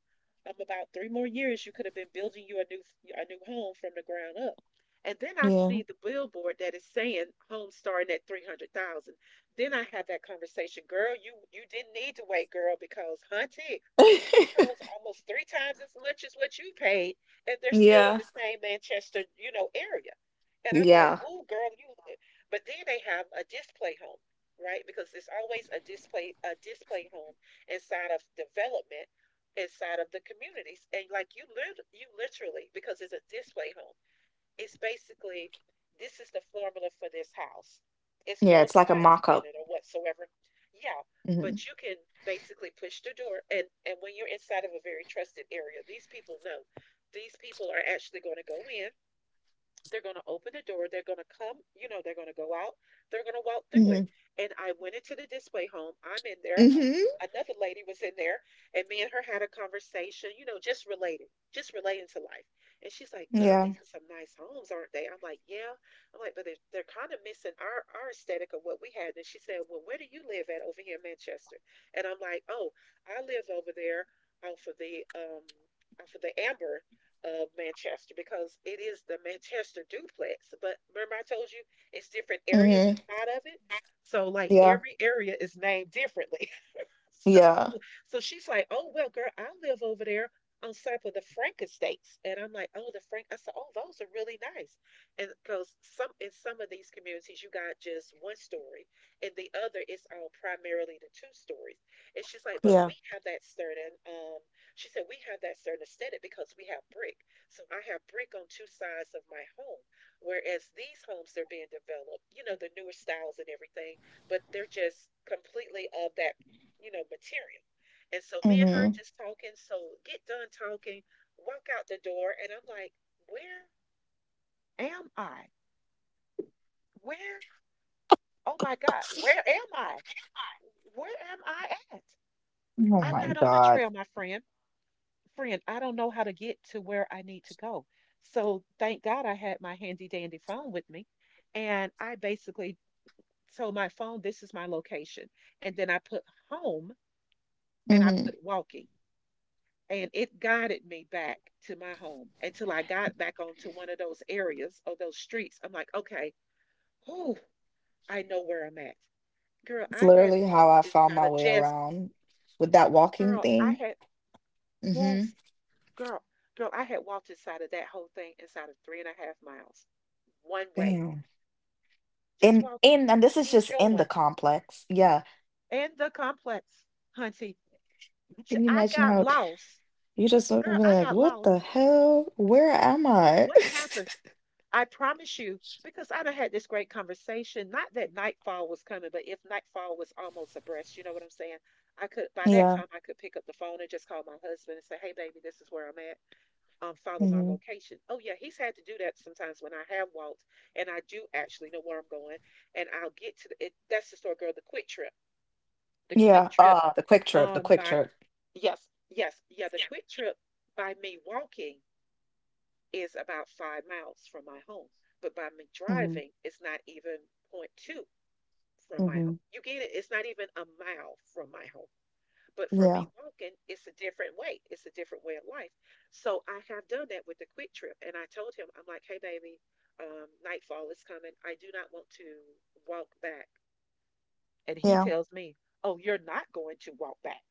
Speaker 2: about three more years, you could have been building you a new home from the ground up. And then I
Speaker 1: Yeah.
Speaker 2: see the billboard that is saying home starting at 300,000. Then I have that conversation, girl, you didn't need to wait, girl, because hunty. These homes are almost three times as much as what you paid, and they're still in
Speaker 1: yeah.
Speaker 2: the same Manchester, you know, area. And I'm like,
Speaker 1: Yeah.
Speaker 2: oh, girl, you. But then they have a display home, right? Because there's always a display home inside of development, inside of the communities, and like you live, you literally because it's a display home. It's basically this is the formula for this house. It's
Speaker 1: Yeah,
Speaker 2: no
Speaker 1: it's like a
Speaker 2: appliances in
Speaker 1: mock-up.
Speaker 2: it or whatsoever. Yeah,
Speaker 1: hmm
Speaker 2: but you can basically push the door and when you're inside of a very trusted area, these people know. These people are actually going to go in, they're going to open the door. They're going to come, you know, they're going to go out. They're going to walk through
Speaker 1: hmm
Speaker 2: it. And I went into the display home. I'm in there.
Speaker 1: Mm-hmm.
Speaker 2: Another lady was in there, and me and her had a conversation, you know, just relating to life. And she's like, girl,
Speaker 1: Yeah.
Speaker 2: these are some nice homes, aren't they? I'm like, yeah. I'm like, but they're kind of missing our aesthetic of what we had. And she said, well, where do you live at over here in Manchester? And I'm like, oh, I live over there off of the, um, off of the Amber of Manchester, because it is the Manchester duplex. But remember, I told you it's different areas
Speaker 1: Mm-hmm.
Speaker 2: inside of it. So, like,
Speaker 1: Yeah.
Speaker 2: every area is named differently.
Speaker 1: Yeah.
Speaker 2: So she's like, "Oh well, girl, I live over there on top of the Frank Estates," and I'm like, "Oh, the Frank." I said, "Oh, those are really nice," and because some, in some of these communities you got just one story, and the other is all primarily the two stories. And she's like, "But
Speaker 1: Yeah.
Speaker 2: we have that certain," she said, "We have that certain aesthetic because we have brick. So I have brick on two sides of my home, whereas these homes they're being developed, you know, the newer styles and everything, but they're just completely of that." You know, material. And so me and her
Speaker 1: hmm
Speaker 2: just talking. So get done talking, walk out the door, and I'm like, where am I? Where? Oh my God, where am I? Where am I at?
Speaker 1: Oh
Speaker 2: I'm
Speaker 1: my
Speaker 2: not on a
Speaker 1: God.
Speaker 2: trail, my friend. Friend, I don't know how to get to where I need to go. So thank God I had my handy dandy phone with me. And I basically told my phone, this is my location. And then I put home and I
Speaker 1: hmm
Speaker 2: put walking, and it guided me back to my home until I got back onto one of those areas or those streets. I'm like, okay, whew, I know where I'm at. Girl,
Speaker 1: It's
Speaker 2: I had
Speaker 1: literally
Speaker 2: walked
Speaker 1: how I found
Speaker 2: inside
Speaker 1: my
Speaker 2: of
Speaker 1: way
Speaker 2: just,
Speaker 1: around with that walking
Speaker 2: girl, I
Speaker 1: thing.
Speaker 2: had,
Speaker 1: hmm
Speaker 2: yes, girl, girl, I had walked inside of that whole thing inside of 3.5 miles, one way,
Speaker 1: Damn.
Speaker 2: just
Speaker 1: In
Speaker 2: walking,
Speaker 1: in and this is just in the
Speaker 2: enjoying,
Speaker 1: complex. Yeah.
Speaker 2: and the complex, hunty.
Speaker 1: Can you
Speaker 2: I
Speaker 1: imagine
Speaker 2: got
Speaker 1: how
Speaker 2: lost.
Speaker 1: you just would be
Speaker 2: Girl, I
Speaker 1: like,
Speaker 2: got
Speaker 1: "What
Speaker 2: lost.
Speaker 1: the hell? Where am I?"
Speaker 2: What happened? I promise you, because I done had this great conversation. Not that nightfall was coming, but if nightfall was almost abreast, you know what I'm saying? I could By that
Speaker 1: Yeah,
Speaker 2: time I could pick up the phone and just call my husband and say, hey baby, this is where I'm at. Follow my
Speaker 1: mhm.
Speaker 2: location. Oh yeah, he's had to do that sometimes when I have walked and I do actually know where I'm going, and I'll get to the it, that's the story girl, the quick trip. The
Speaker 1: Yeah,
Speaker 2: quick trip
Speaker 1: ah, the Quick Trip, the Quick
Speaker 2: by
Speaker 1: Trip.
Speaker 2: Yes, yes, yeah, the quick trip by me walking is about 5 miles from my home. But by me
Speaker 1: Mhm,
Speaker 2: driving, it's not even point 0.2 from my home.
Speaker 1: mhm.
Speaker 2: You get it? It's not even a mile from my home. But for
Speaker 1: Yeah,
Speaker 2: me walking, it's a different way. It's a different way of life. So I have done that with the quick trip. And I told him, I'm like, hey, baby, nightfall is coming. I do not want to walk back. And he
Speaker 1: yeah.
Speaker 2: tells me, oh, you're not going to walk back.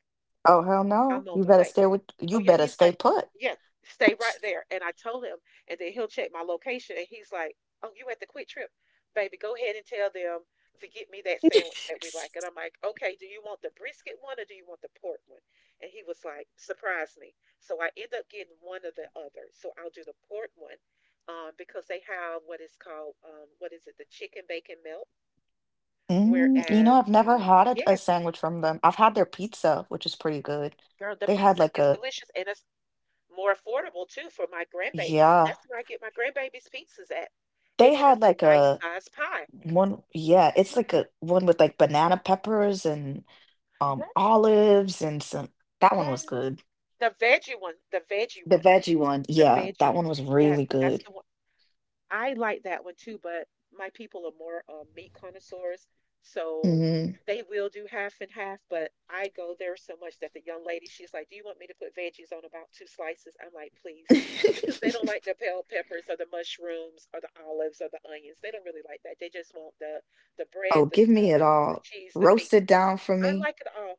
Speaker 1: Oh, hell no.
Speaker 2: I'm on
Speaker 1: You
Speaker 2: the
Speaker 1: better
Speaker 2: way.
Speaker 1: stay, with
Speaker 2: Oh
Speaker 1: you
Speaker 2: yeah,
Speaker 1: better
Speaker 2: he's
Speaker 1: stay
Speaker 2: like,
Speaker 1: put.
Speaker 2: yeah, stay right there. And I told him, and then he'll check my location, and he's like, oh, you at the Quick Trip, baby? Go ahead and tell them to get me that sandwich that we like. And I'm like, okay, do you want the brisket one or do you want the pork one? And he was like, surprise me. So I end up getting one or the other. So I'll do the pork one, because they have what is called, what is it, the chicken bacon melt.
Speaker 1: Mm, you know,
Speaker 2: Whereas,
Speaker 1: I've never had a
Speaker 2: yes,
Speaker 1: sandwich from them. I've had their pizza, which is pretty good.
Speaker 2: girl, the
Speaker 1: They had
Speaker 2: pizza
Speaker 1: like
Speaker 2: is
Speaker 1: a
Speaker 2: delicious, and it's more affordable too for my grandbabies.
Speaker 1: yeah.
Speaker 2: That's where I get my grandbabies' pizzas at,
Speaker 1: They
Speaker 2: and it is
Speaker 1: had
Speaker 2: a
Speaker 1: like
Speaker 2: nice
Speaker 1: a
Speaker 2: size pie.
Speaker 1: one, yeah, it's
Speaker 2: Look,
Speaker 1: like
Speaker 2: girl,
Speaker 1: a one with like banana peppers and
Speaker 2: yes,
Speaker 1: olives and some, that one was
Speaker 2: yes,
Speaker 1: good.
Speaker 2: the veggie one, the veggie
Speaker 1: The
Speaker 2: one,
Speaker 1: veggie one.
Speaker 2: the
Speaker 1: Yeah,
Speaker 2: veggie
Speaker 1: that
Speaker 2: one.
Speaker 1: one was
Speaker 2: Yes,
Speaker 1: really
Speaker 2: that's
Speaker 1: good.
Speaker 2: the one. I like that one too, but my people are more meat connoisseurs, so
Speaker 1: hmm
Speaker 2: they will do half and half. But I go there so much that the young lady, she's like, "Do you want me to put veggies on about two slices?" I'm like, "Please," because they don't like the bell peppers or the mushrooms or the olives or the onions. They don't really like that. They just want the
Speaker 1: Oh,
Speaker 2: bread, the
Speaker 1: give me it
Speaker 2: sauce, the
Speaker 1: all.
Speaker 2: cheese, the
Speaker 1: Roast
Speaker 2: meat.
Speaker 1: it down for
Speaker 2: I
Speaker 1: me.
Speaker 2: like it all.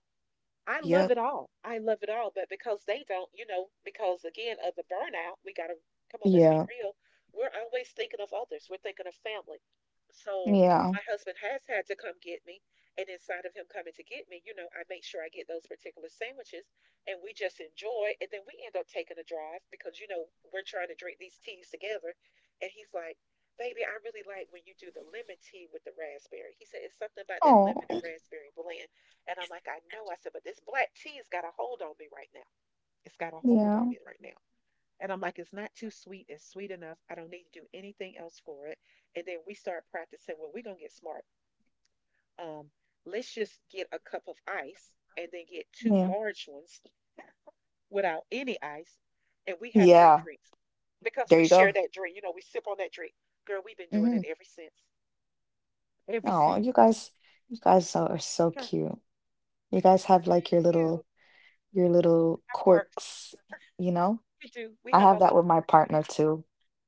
Speaker 2: I love it
Speaker 1: Yep.
Speaker 2: all. I love it all. But because they don't, you know, because again of the burnout, we gotta come on, let's be
Speaker 1: Yeah.
Speaker 2: real. We're always thinking of others. We're thinking of family. So
Speaker 1: Yeah.
Speaker 2: my husband has had to come get me. And inside of him coming to get me, you know, I make sure I get those particular sandwiches and we just enjoy. And then we end up taking a drive because, you know, we're trying to drink these teas together. And he's like, baby, I really like when you do the lemon tea with the raspberry. He said, it's something about that lemon
Speaker 1: Oh,
Speaker 2: and raspberry blend. And I'm like, I know. I said, but this black tea's got a hold on me right now. It's got a hold on
Speaker 1: yeah.
Speaker 2: me right now. And I'm like, it's not too sweet. It's sweet enough. I don't need to do anything else for it. And then we start practicing. Well, we're going to get smart. Um, let's just get a cup of ice and then get two
Speaker 1: Yeah.
Speaker 2: large ones without any ice. And we have three
Speaker 1: Yeah.
Speaker 2: drinks because
Speaker 1: There
Speaker 2: we
Speaker 1: you
Speaker 2: share
Speaker 1: go.
Speaker 2: that drink. You know, we sip on that drink. Girl, we've been doing
Speaker 1: hmm
Speaker 2: it ever since. Ever
Speaker 1: Oh, you
Speaker 2: since.
Speaker 1: guys, are so
Speaker 2: Girl,
Speaker 1: cute. You guys have like
Speaker 2: thank you.
Speaker 1: your little
Speaker 2: Our quirks.
Speaker 1: quirks, you know?
Speaker 2: We do. We
Speaker 1: I
Speaker 2: have
Speaker 1: have
Speaker 2: our
Speaker 1: that
Speaker 2: little
Speaker 1: with my
Speaker 2: quirks. We do.
Speaker 1: partner too.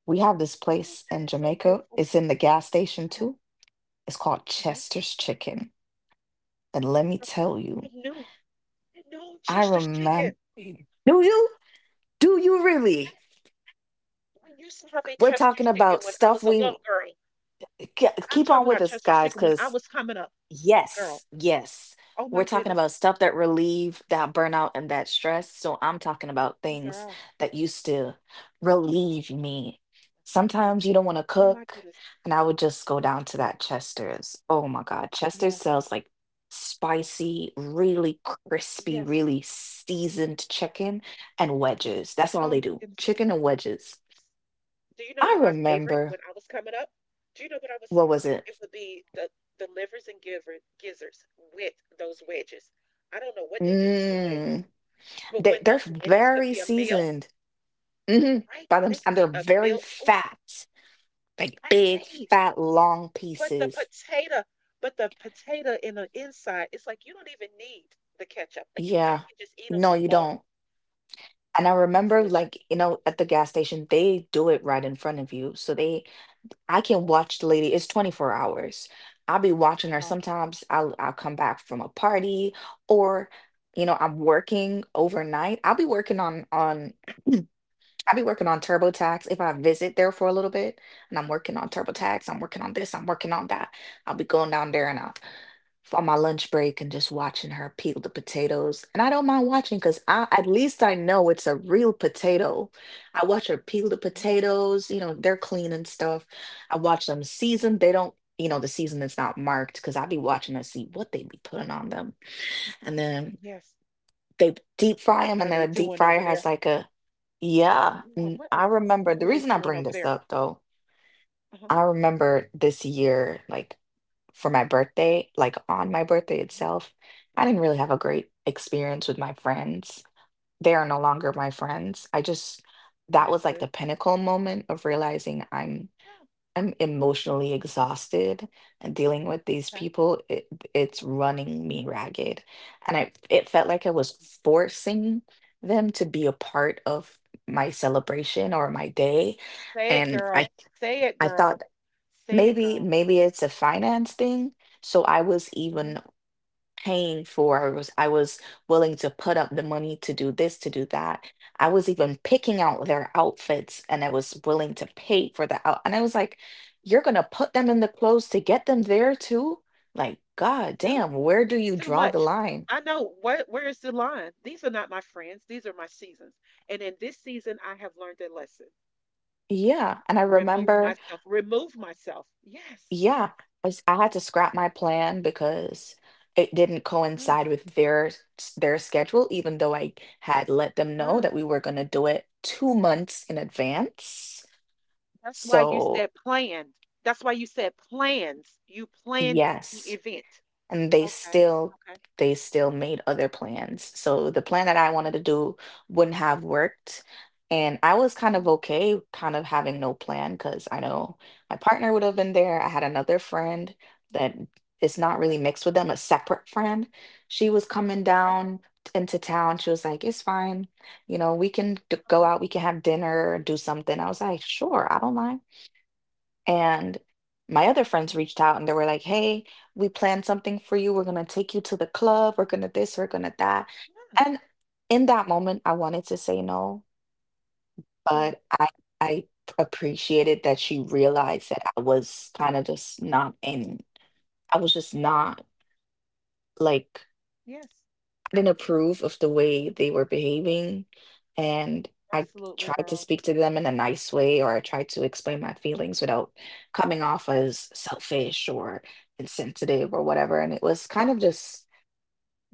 Speaker 1: We have this
Speaker 2: Oh,
Speaker 1: place
Speaker 2: that
Speaker 1: in
Speaker 2: is so
Speaker 1: Jamaica.
Speaker 2: beautiful.
Speaker 1: It's in the gas station too. It's called
Speaker 2: Uh-huh.
Speaker 1: Chester's Chicken. And let me tell
Speaker 2: I
Speaker 1: you,
Speaker 2: knew, I know
Speaker 1: I
Speaker 2: Chester chicken.
Speaker 1: remember. Do you? Do you really?
Speaker 2: We used to have a
Speaker 1: We're
Speaker 2: Chester's
Speaker 1: talking
Speaker 2: chicken
Speaker 1: about
Speaker 2: when I
Speaker 1: stuff
Speaker 2: was a
Speaker 1: we
Speaker 2: little girl. I'm
Speaker 1: keep
Speaker 2: talking
Speaker 1: on with
Speaker 2: about
Speaker 1: us,
Speaker 2: Chester's
Speaker 1: guys,
Speaker 2: chicken when I
Speaker 1: cause.
Speaker 2: was coming up, girl.
Speaker 1: Yes, yes.
Speaker 2: Oh
Speaker 1: We're
Speaker 2: my
Speaker 1: talking
Speaker 2: goodness.
Speaker 1: about stuff that relieve that burnout and that stress. So I'm talking about
Speaker 2: Oh
Speaker 1: things
Speaker 2: girl.
Speaker 1: that used to relieve me.
Speaker 2: Hey,
Speaker 1: Sometimes you don't want to
Speaker 2: oh my
Speaker 1: cook,
Speaker 2: goodness.
Speaker 1: and I would just go down to that Chester's. Oh my God, Chester's
Speaker 2: Yes.
Speaker 1: sells like spicy, really crispy,
Speaker 2: Yes.
Speaker 1: really seasoned chicken and
Speaker 2: Mhm.
Speaker 1: wedges. That's all
Speaker 2: Oh
Speaker 1: they
Speaker 2: my
Speaker 1: do,
Speaker 2: goodness.
Speaker 1: chicken and wedges.
Speaker 2: S- Do you know
Speaker 1: I
Speaker 2: what my favorite
Speaker 1: remember,
Speaker 2: when I was coming up? Do you know what I was?
Speaker 1: what was it?
Speaker 2: It would be the livers and gizzards with those wedges. I don't know what they do to the wedges,
Speaker 1: Mmm,
Speaker 2: but
Speaker 1: they,
Speaker 2: when
Speaker 1: they're
Speaker 2: those wedges could
Speaker 1: very
Speaker 2: be a meal,
Speaker 1: seasoned. Hmm.
Speaker 2: right?
Speaker 1: By them,
Speaker 2: They can
Speaker 1: and they're
Speaker 2: be a
Speaker 1: very
Speaker 2: meal, oh,
Speaker 1: fat, like
Speaker 2: right?
Speaker 1: big,
Speaker 2: They,
Speaker 1: fat, long
Speaker 2: but the
Speaker 1: pieces.
Speaker 2: potato, but the potato in the inside, it's like you don't even need the ketchup. Like you, I
Speaker 1: Yeah.
Speaker 2: can just eat them
Speaker 1: No, you
Speaker 2: alone.
Speaker 1: don't. And I remember, like,
Speaker 2: Delicious.
Speaker 1: at the gas station, they do it right in front of you. So I can
Speaker 2: Yes.
Speaker 1: watch the lady. It's 24 hours. I'll be watching her.
Speaker 2: Oh,
Speaker 1: Sometimes I'll come back from a party or, I'm working overnight. I'll be working on I be working on TurboTax if I visit there for a little bit, and I'm working on
Speaker 2: yes.
Speaker 1: TurboTax, I'm working on this, I'm working on that. I'll be going down there and I'll on my lunch break and just watching her peel the potatoes. And I don't mind watching because I, at least I know it's a real potato. I watch her peel the
Speaker 2: Mhm.
Speaker 1: potatoes. You know, they're clean and stuff. I watch them season. They don't, the season is not marked because I be watching to see what they be putting on them. And then
Speaker 2: Yes.
Speaker 1: they deep fry
Speaker 2: What
Speaker 1: them, and
Speaker 2: are
Speaker 1: then
Speaker 2: they
Speaker 1: the deep
Speaker 2: doing
Speaker 1: fryer
Speaker 2: over
Speaker 1: has
Speaker 2: there?
Speaker 1: like a. Yeah,
Speaker 2: Yeah,
Speaker 1: and I remember
Speaker 2: what
Speaker 1: the
Speaker 2: are they
Speaker 1: reason I
Speaker 2: doing
Speaker 1: bring
Speaker 2: over
Speaker 1: this
Speaker 2: there?
Speaker 1: up, though,
Speaker 2: Uh-huh.
Speaker 1: I remember this year, like for my birthday, like on my birthday
Speaker 2: Uh-huh.
Speaker 1: itself, I didn't really have a great experience with my friends. They are no longer
Speaker 2: Okay.
Speaker 1: my friends. I just, that was like
Speaker 2: Understood.
Speaker 1: the pinnacle moment of realizing I'm
Speaker 2: Yeah.
Speaker 1: I'm emotionally exhausted, and dealing with these
Speaker 2: Okay.
Speaker 1: people, it's running me ragged. And I it felt like I
Speaker 2: Mhm.
Speaker 1: was forcing them to be a part of my celebration or my day.
Speaker 2: Say it,
Speaker 1: And I
Speaker 2: girl. Say it,
Speaker 1: I
Speaker 2: girl.
Speaker 1: thought
Speaker 2: Say it,
Speaker 1: maybe
Speaker 2: girl.
Speaker 1: maybe it's a finance thing. So I was
Speaker 2: Mm-hmm.
Speaker 1: even paying for. I was willing to put up the money to do this, to do that. I was even picking out their outfits, and I was willing to pay for the out. And I was like, you're gonna put them in the clothes to get them there too? Like, god
Speaker 2: Two.
Speaker 1: damn, where do you
Speaker 2: Too
Speaker 1: draw the
Speaker 2: much.
Speaker 1: line?
Speaker 2: I know what, where is the line? These are not my friends, these are my seasons. And in this season I have learned a lesson.
Speaker 1: Yeah. And I
Speaker 2: Remove
Speaker 1: remember,
Speaker 2: myself. Remove myself. Yes. Yes.
Speaker 1: yeah, I had to scrap my plan because it didn't
Speaker 2: Mm,
Speaker 1: coincide with their their schedule, even though I had let them know
Speaker 2: mm.
Speaker 1: that we were gonna do it 2 months in advance.
Speaker 2: That's why you
Speaker 1: So
Speaker 2: said planned. That's why you said plans. You planned the
Speaker 1: yes,
Speaker 2: event.
Speaker 1: and they
Speaker 2: Okay.
Speaker 1: still
Speaker 2: Okay.
Speaker 1: they still made other plans. So the plan that I
Speaker 2: Mm,
Speaker 1: wanted to do wouldn't have worked. And I was kind of
Speaker 2: mm.
Speaker 1: okay kind of having no plan because I know my partner would have been there. I had another friend that is not really
Speaker 2: Okay.
Speaker 1: mixed with them, a separate friend. She was coming
Speaker 2: Okay.
Speaker 1: down into town. She was like, it's fine. You know, we can go
Speaker 2: Okay.
Speaker 1: out, we can have dinner, do something. I was like,
Speaker 2: Mhm.
Speaker 1: sure, I don't mind. And my
Speaker 2: Oh
Speaker 1: other
Speaker 2: my
Speaker 1: friends
Speaker 2: goodness.
Speaker 1: reached out and they were like, hey, we planned something for you. We're going to take you to the club. We're going to this, we're going to that.
Speaker 2: Mm.
Speaker 1: And in that moment, I wanted to say no,
Speaker 2: Yeah.
Speaker 1: but I appreciated that she realized that I was kind of just not in, I was just not like
Speaker 2: Yes.
Speaker 1: didn't approve of the way they were behaving. And I
Speaker 2: Absolutely,
Speaker 1: tried to
Speaker 2: girl.
Speaker 1: speak to them in a nice way, or I tried to explain my feelings without coming off as selfish or insensitive or whatever, and it was kind of just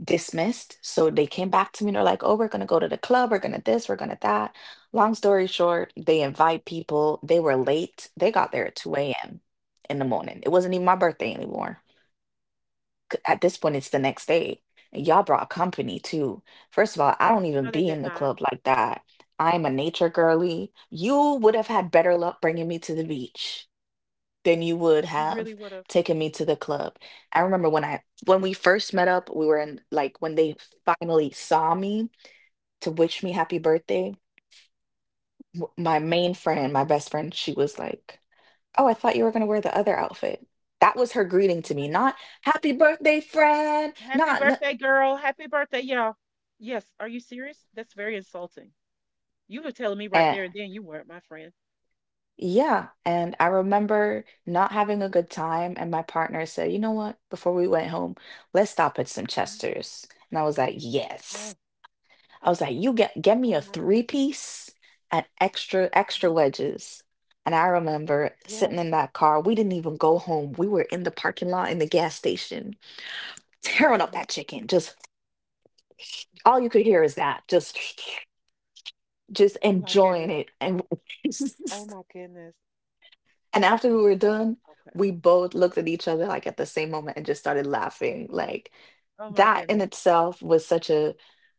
Speaker 1: dismissed. So they came back to me and they're like, oh, we're going to go to the club, we're going to this, we're going to that. Long story short, they invite people, they were late, they got there at 2 a.m. in the morning. It wasn't even my birthday anymore, at this point it's the next day, and y'all brought company too. First of all, I don't even
Speaker 2: No, they
Speaker 1: be in
Speaker 2: did
Speaker 1: the
Speaker 2: not.
Speaker 1: club like that. I'm a nature girly. You would have had better luck bringing me to the beach than you would
Speaker 2: You really
Speaker 1: have
Speaker 2: would have.
Speaker 1: taken me to the club. I remember when I when we first met up, we were in like when they finally saw me to wish me happy birthday, my main friend, my best friend, she was like, oh, I thought you were going to wear the other outfit. That was her greeting to me, not happy birthday friend,
Speaker 2: Happy
Speaker 1: not.
Speaker 2: birthday, girl. Happy birthday, y'all. Yes, are you serious? That's very insulting. You were telling me right there and then you weren't my friend.
Speaker 1: Yeah, and I remember not having a good time, and my partner said, "You know what? Before we went home, let's stop at some
Speaker 2: Mhm.
Speaker 1: Chester's." And I was like, "Yes."
Speaker 2: Oh,
Speaker 1: I was like, "You get me
Speaker 2: oh
Speaker 1: a
Speaker 2: my
Speaker 1: three
Speaker 2: goodness.
Speaker 1: piece and extra
Speaker 2: Mhm.
Speaker 1: extra wedges." And I remember sitting
Speaker 2: Yes.
Speaker 1: in that car. We didn't even go home. We were in the parking lot in the gas station, tearing up
Speaker 2: Mhm.
Speaker 1: that chicken. Just all you could hear is that. Just just
Speaker 2: Oh my
Speaker 1: enjoying
Speaker 2: goodness.
Speaker 1: it and
Speaker 2: Oh my goodness.
Speaker 1: And after we were
Speaker 2: Okay.
Speaker 1: done,
Speaker 2: Okay.
Speaker 1: we both looked at each other like at the same moment and just started laughing. Like
Speaker 2: Oh my
Speaker 1: that in
Speaker 2: goodness.
Speaker 1: itself was such a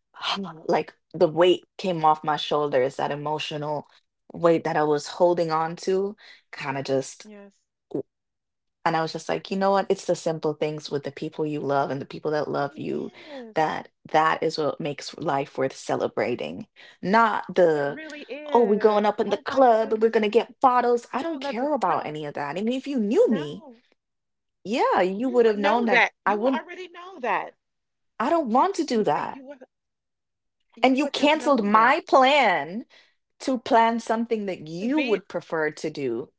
Speaker 1: like the weight came off my shoulders, that emotional weight that I was holding on to kind of just.
Speaker 2: Yes,
Speaker 1: And I was just like, you know what? It's the simple things with the people you love and the people that love
Speaker 2: it
Speaker 1: you
Speaker 2: is.
Speaker 1: that that is what makes life worth celebrating. Not
Speaker 2: It
Speaker 1: the,
Speaker 2: really
Speaker 1: oh, we're going
Speaker 2: is.
Speaker 1: up in the
Speaker 2: Oh my
Speaker 1: club and we're
Speaker 2: goodness.
Speaker 1: going to get bottles. I
Speaker 2: No,
Speaker 1: don't
Speaker 2: not
Speaker 1: care
Speaker 2: just
Speaker 1: about
Speaker 2: no,
Speaker 1: any of that. And if you knew me,
Speaker 2: no.
Speaker 1: yeah, you
Speaker 2: You
Speaker 1: would have
Speaker 2: would
Speaker 1: known
Speaker 2: know
Speaker 1: that
Speaker 2: that.
Speaker 1: I
Speaker 2: You would
Speaker 1: wouldn't,
Speaker 2: already know that.
Speaker 1: I don't want
Speaker 2: It's,
Speaker 1: to do
Speaker 2: see, they-
Speaker 1: that. And
Speaker 2: you
Speaker 1: you
Speaker 2: would have
Speaker 1: canceled
Speaker 2: known that
Speaker 1: my plan to plan something that
Speaker 2: to
Speaker 1: you
Speaker 2: be
Speaker 1: would prefer to do.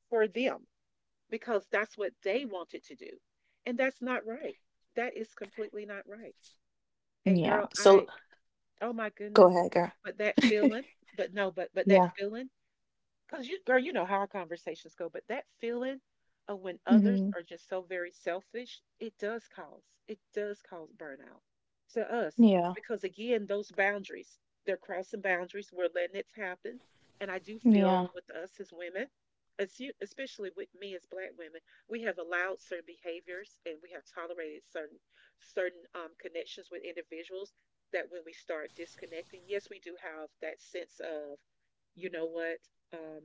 Speaker 2: for them, because that's what they wanted to do. And that's not right. That is completely not right. And
Speaker 1: Yeah.
Speaker 2: girl,
Speaker 1: So
Speaker 2: I, oh my
Speaker 1: go
Speaker 2: goodness,
Speaker 1: ahead, girl.
Speaker 2: but that feeling, but no, but but that
Speaker 1: Yeah.
Speaker 2: feeling, because you, girl, you know how our conversations go, but that feeling of when others
Speaker 1: Hmm.
Speaker 2: are just so very selfish, it does cause burnout to us.
Speaker 1: Yeah.
Speaker 2: Because again, those boundaries, they're crossing boundaries. We're letting it happen. And I do
Speaker 1: Yeah.
Speaker 2: feel with us as women, as you- especially with me as Black women, we have allowed certain behaviors and we have tolerated certain connections with individuals that when we start disconnecting, yes, we do have that sense of you know what? Um,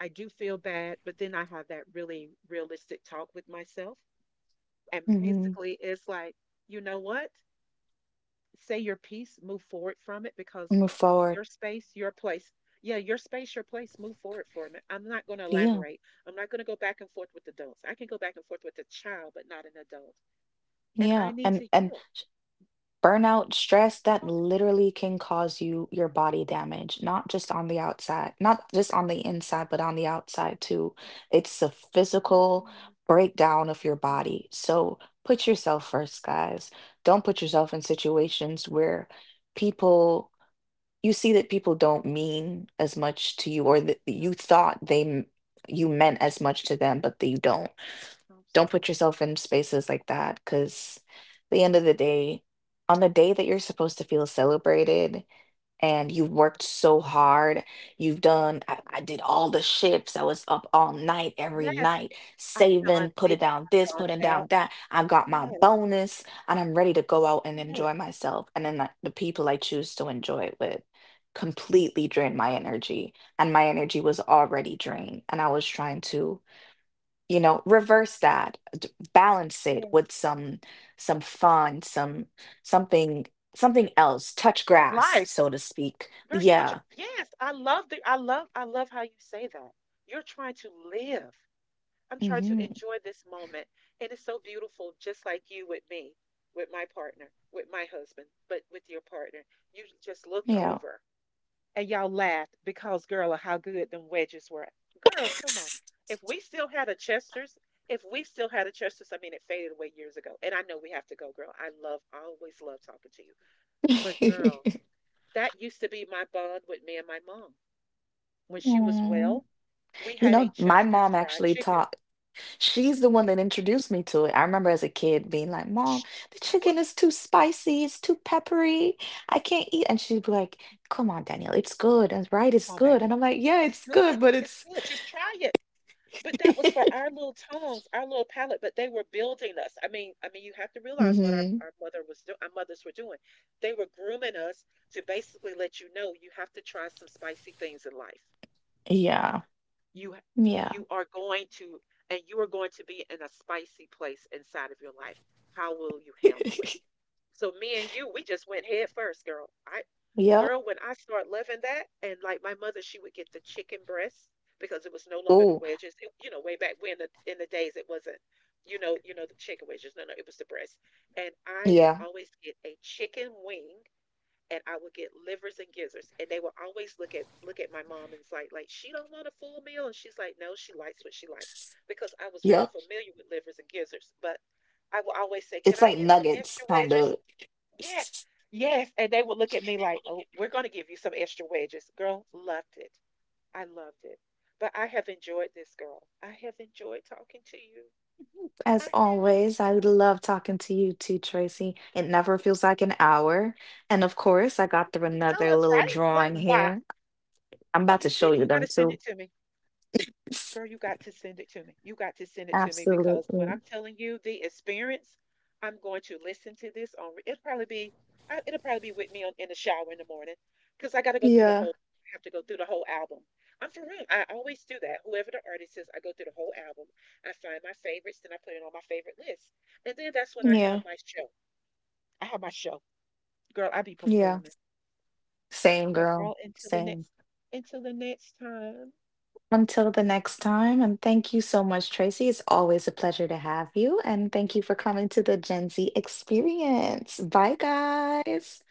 Speaker 2: I do feel bad, but then I have that really realistic talk with myself. And
Speaker 1: Hmm.
Speaker 2: basically, it's like, you know what? Say your piece, move forward from it because
Speaker 1: Move forward.
Speaker 2: your space, your place. Yeah, your space, your place, move forward from it. I'm not going to
Speaker 1: Yeah.
Speaker 2: elaborate. I'm not going to go back and forth with adults. I can go back and forth with a child, but not an adult. And
Speaker 1: Yeah.
Speaker 2: I need
Speaker 1: And
Speaker 2: to
Speaker 1: and
Speaker 2: heal.
Speaker 1: burnout, stress, that
Speaker 2: Oh,
Speaker 1: literally can cause you your body damage, not just on the outside, not just on the inside, but on the outside too. It's a
Speaker 2: yes,
Speaker 1: physical
Speaker 2: mm,
Speaker 1: breakdown of your
Speaker 2: yeah,
Speaker 1: body. So put yourself first, guys. Don't put yourself in situations where people you see that people don't mean as much to you or that
Speaker 2: yeah,
Speaker 1: you thought you meant as much to them, but they don't. Don't put
Speaker 2: absolutely.
Speaker 1: yourself in spaces like that because the end of the day, on the day that you're supposed to feel celebrated and you've worked so hard, you've done, I did all the shifts, I was up all night, every
Speaker 2: Yes,
Speaker 1: night,
Speaker 2: I've
Speaker 1: saving,
Speaker 2: done this,
Speaker 1: putting down this,
Speaker 2: I've done
Speaker 1: putting
Speaker 2: that.
Speaker 1: down that. I got my
Speaker 2: Yes,
Speaker 1: bonus, and I'm ready to go out and
Speaker 2: yes.
Speaker 1: enjoy myself. And then the people I choose to enjoy it with completely drain my energy, and my energy was already drained, and I was trying to reverse that balance it
Speaker 2: Yes.
Speaker 1: with some fun, something something else, touch grass,
Speaker 2: Life.
Speaker 1: so to speak.
Speaker 2: Girl, you were tr-
Speaker 1: Yeah.
Speaker 2: yes, I love the I love how you say that. You're trying to live. I'm trying to
Speaker 1: Hmm.
Speaker 2: enjoy this moment. And it's so beautiful, just like you with me, with my partner, with my husband, but with your partner. You just looked
Speaker 1: Yeah.
Speaker 2: over and y'all laughed because girl of how good them wedges were. Girl, come on. If we still had a Chester's, if we still had a Chester's, I mean it faded away years ago. And I know we have to go, girl. I love I always love talking to you. But girl, that used to be my bond with me and my mom. When she was
Speaker 1: Mm.
Speaker 2: well, we
Speaker 1: You
Speaker 2: had a
Speaker 1: know, my
Speaker 2: Chester's
Speaker 1: mom
Speaker 2: fried
Speaker 1: actually
Speaker 2: chicken.
Speaker 1: taught, she's the one that introduced me to it. I remember as a kid being like, Mom,
Speaker 2: Sh-
Speaker 1: the chicken
Speaker 2: What?
Speaker 1: is too spicy, it's too peppery, I can't eat. And she'd be like, Come on, Danielle, it's good. And right, it's
Speaker 2: Come on,
Speaker 1: good.
Speaker 2: baby.
Speaker 1: And I'm like, Yeah,
Speaker 2: It's
Speaker 1: it's good,
Speaker 2: good.
Speaker 1: but
Speaker 2: It's
Speaker 1: it's.
Speaker 2: good. Just try it. But that was for our little tongues, our little palate. But they were building us. I mean, you have to realize what our,
Speaker 1: Mhm.
Speaker 2: our mother was doing. Our mothers were doing. They were grooming us to basically let you know you have to try some spicy things in life.
Speaker 1: Yeah.
Speaker 2: You
Speaker 1: Yeah.
Speaker 2: you are going to and you are going to be in a spicy place inside of your life. How will you handle it? So me and you, we just went head first, girl. I
Speaker 1: Yep.
Speaker 2: girl, when I start loving that, and like my mother, she would get the chicken breasts because it was no longer the
Speaker 1: Ooh,
Speaker 2: wedges. It- you know, way back when the, in the days it wasn't, you know the chicken wedges. No, no, it was the breasts. And I would
Speaker 1: yeah.
Speaker 2: always get a chicken wing, and I would get livers and gizzards, and they would always look at my mom and it's like she don't want a full meal, and she's like, no, she likes what she likes because I was very
Speaker 1: Yep.
Speaker 2: familiar with livers and gizzards, but. I will always say, "Can
Speaker 1: It's
Speaker 2: I
Speaker 1: like
Speaker 2: get some
Speaker 1: nuggets,
Speaker 2: extra
Speaker 1: kind
Speaker 2: wedges?"
Speaker 1: of.
Speaker 2: Yes, yes. And they would look at me like, oh, we're going to give you some extra wedges. Girl, loved it. I loved it. But I have enjoyed this, girl. I have enjoyed talking to you.
Speaker 1: As
Speaker 2: I have.
Speaker 1: always, I love talking to you too, Tracy. It never feels like an hour. And of course, I got through
Speaker 2: It
Speaker 1: another
Speaker 2: does,
Speaker 1: little
Speaker 2: right? Like,
Speaker 1: drawing
Speaker 2: why?
Speaker 1: here. I'm
Speaker 2: Oh,
Speaker 1: about to
Speaker 2: you
Speaker 1: show
Speaker 2: did.
Speaker 1: you
Speaker 2: You got
Speaker 1: them
Speaker 2: to send
Speaker 1: too.
Speaker 2: it to me. Girl, you got to send it to me. You got to send it to me because when
Speaker 1: Absolutely.
Speaker 2: I'm telling you the experience, I'm going to listen to this on. It'll probably be with me on, in the shower in the morning because I got to go through the
Speaker 1: Yeah.
Speaker 2: whole. I have to go through the whole album. I'm for real. I always do that. Whoever the artist is, I go through the whole album. I find my favorites, then I put it on my favorite list, and then that's when I have
Speaker 1: Yeah.
Speaker 2: my show. I have my show, girl. I be
Speaker 1: Yeah.
Speaker 2: performing,
Speaker 1: Same
Speaker 2: but
Speaker 1: girl.
Speaker 2: girl,
Speaker 1: Same.
Speaker 2: until the next time.
Speaker 1: Until the next time, and thank you so much, Tracy. It's always a pleasure to have you, and thank you for coming to the Gen Z experience. Bye, guys.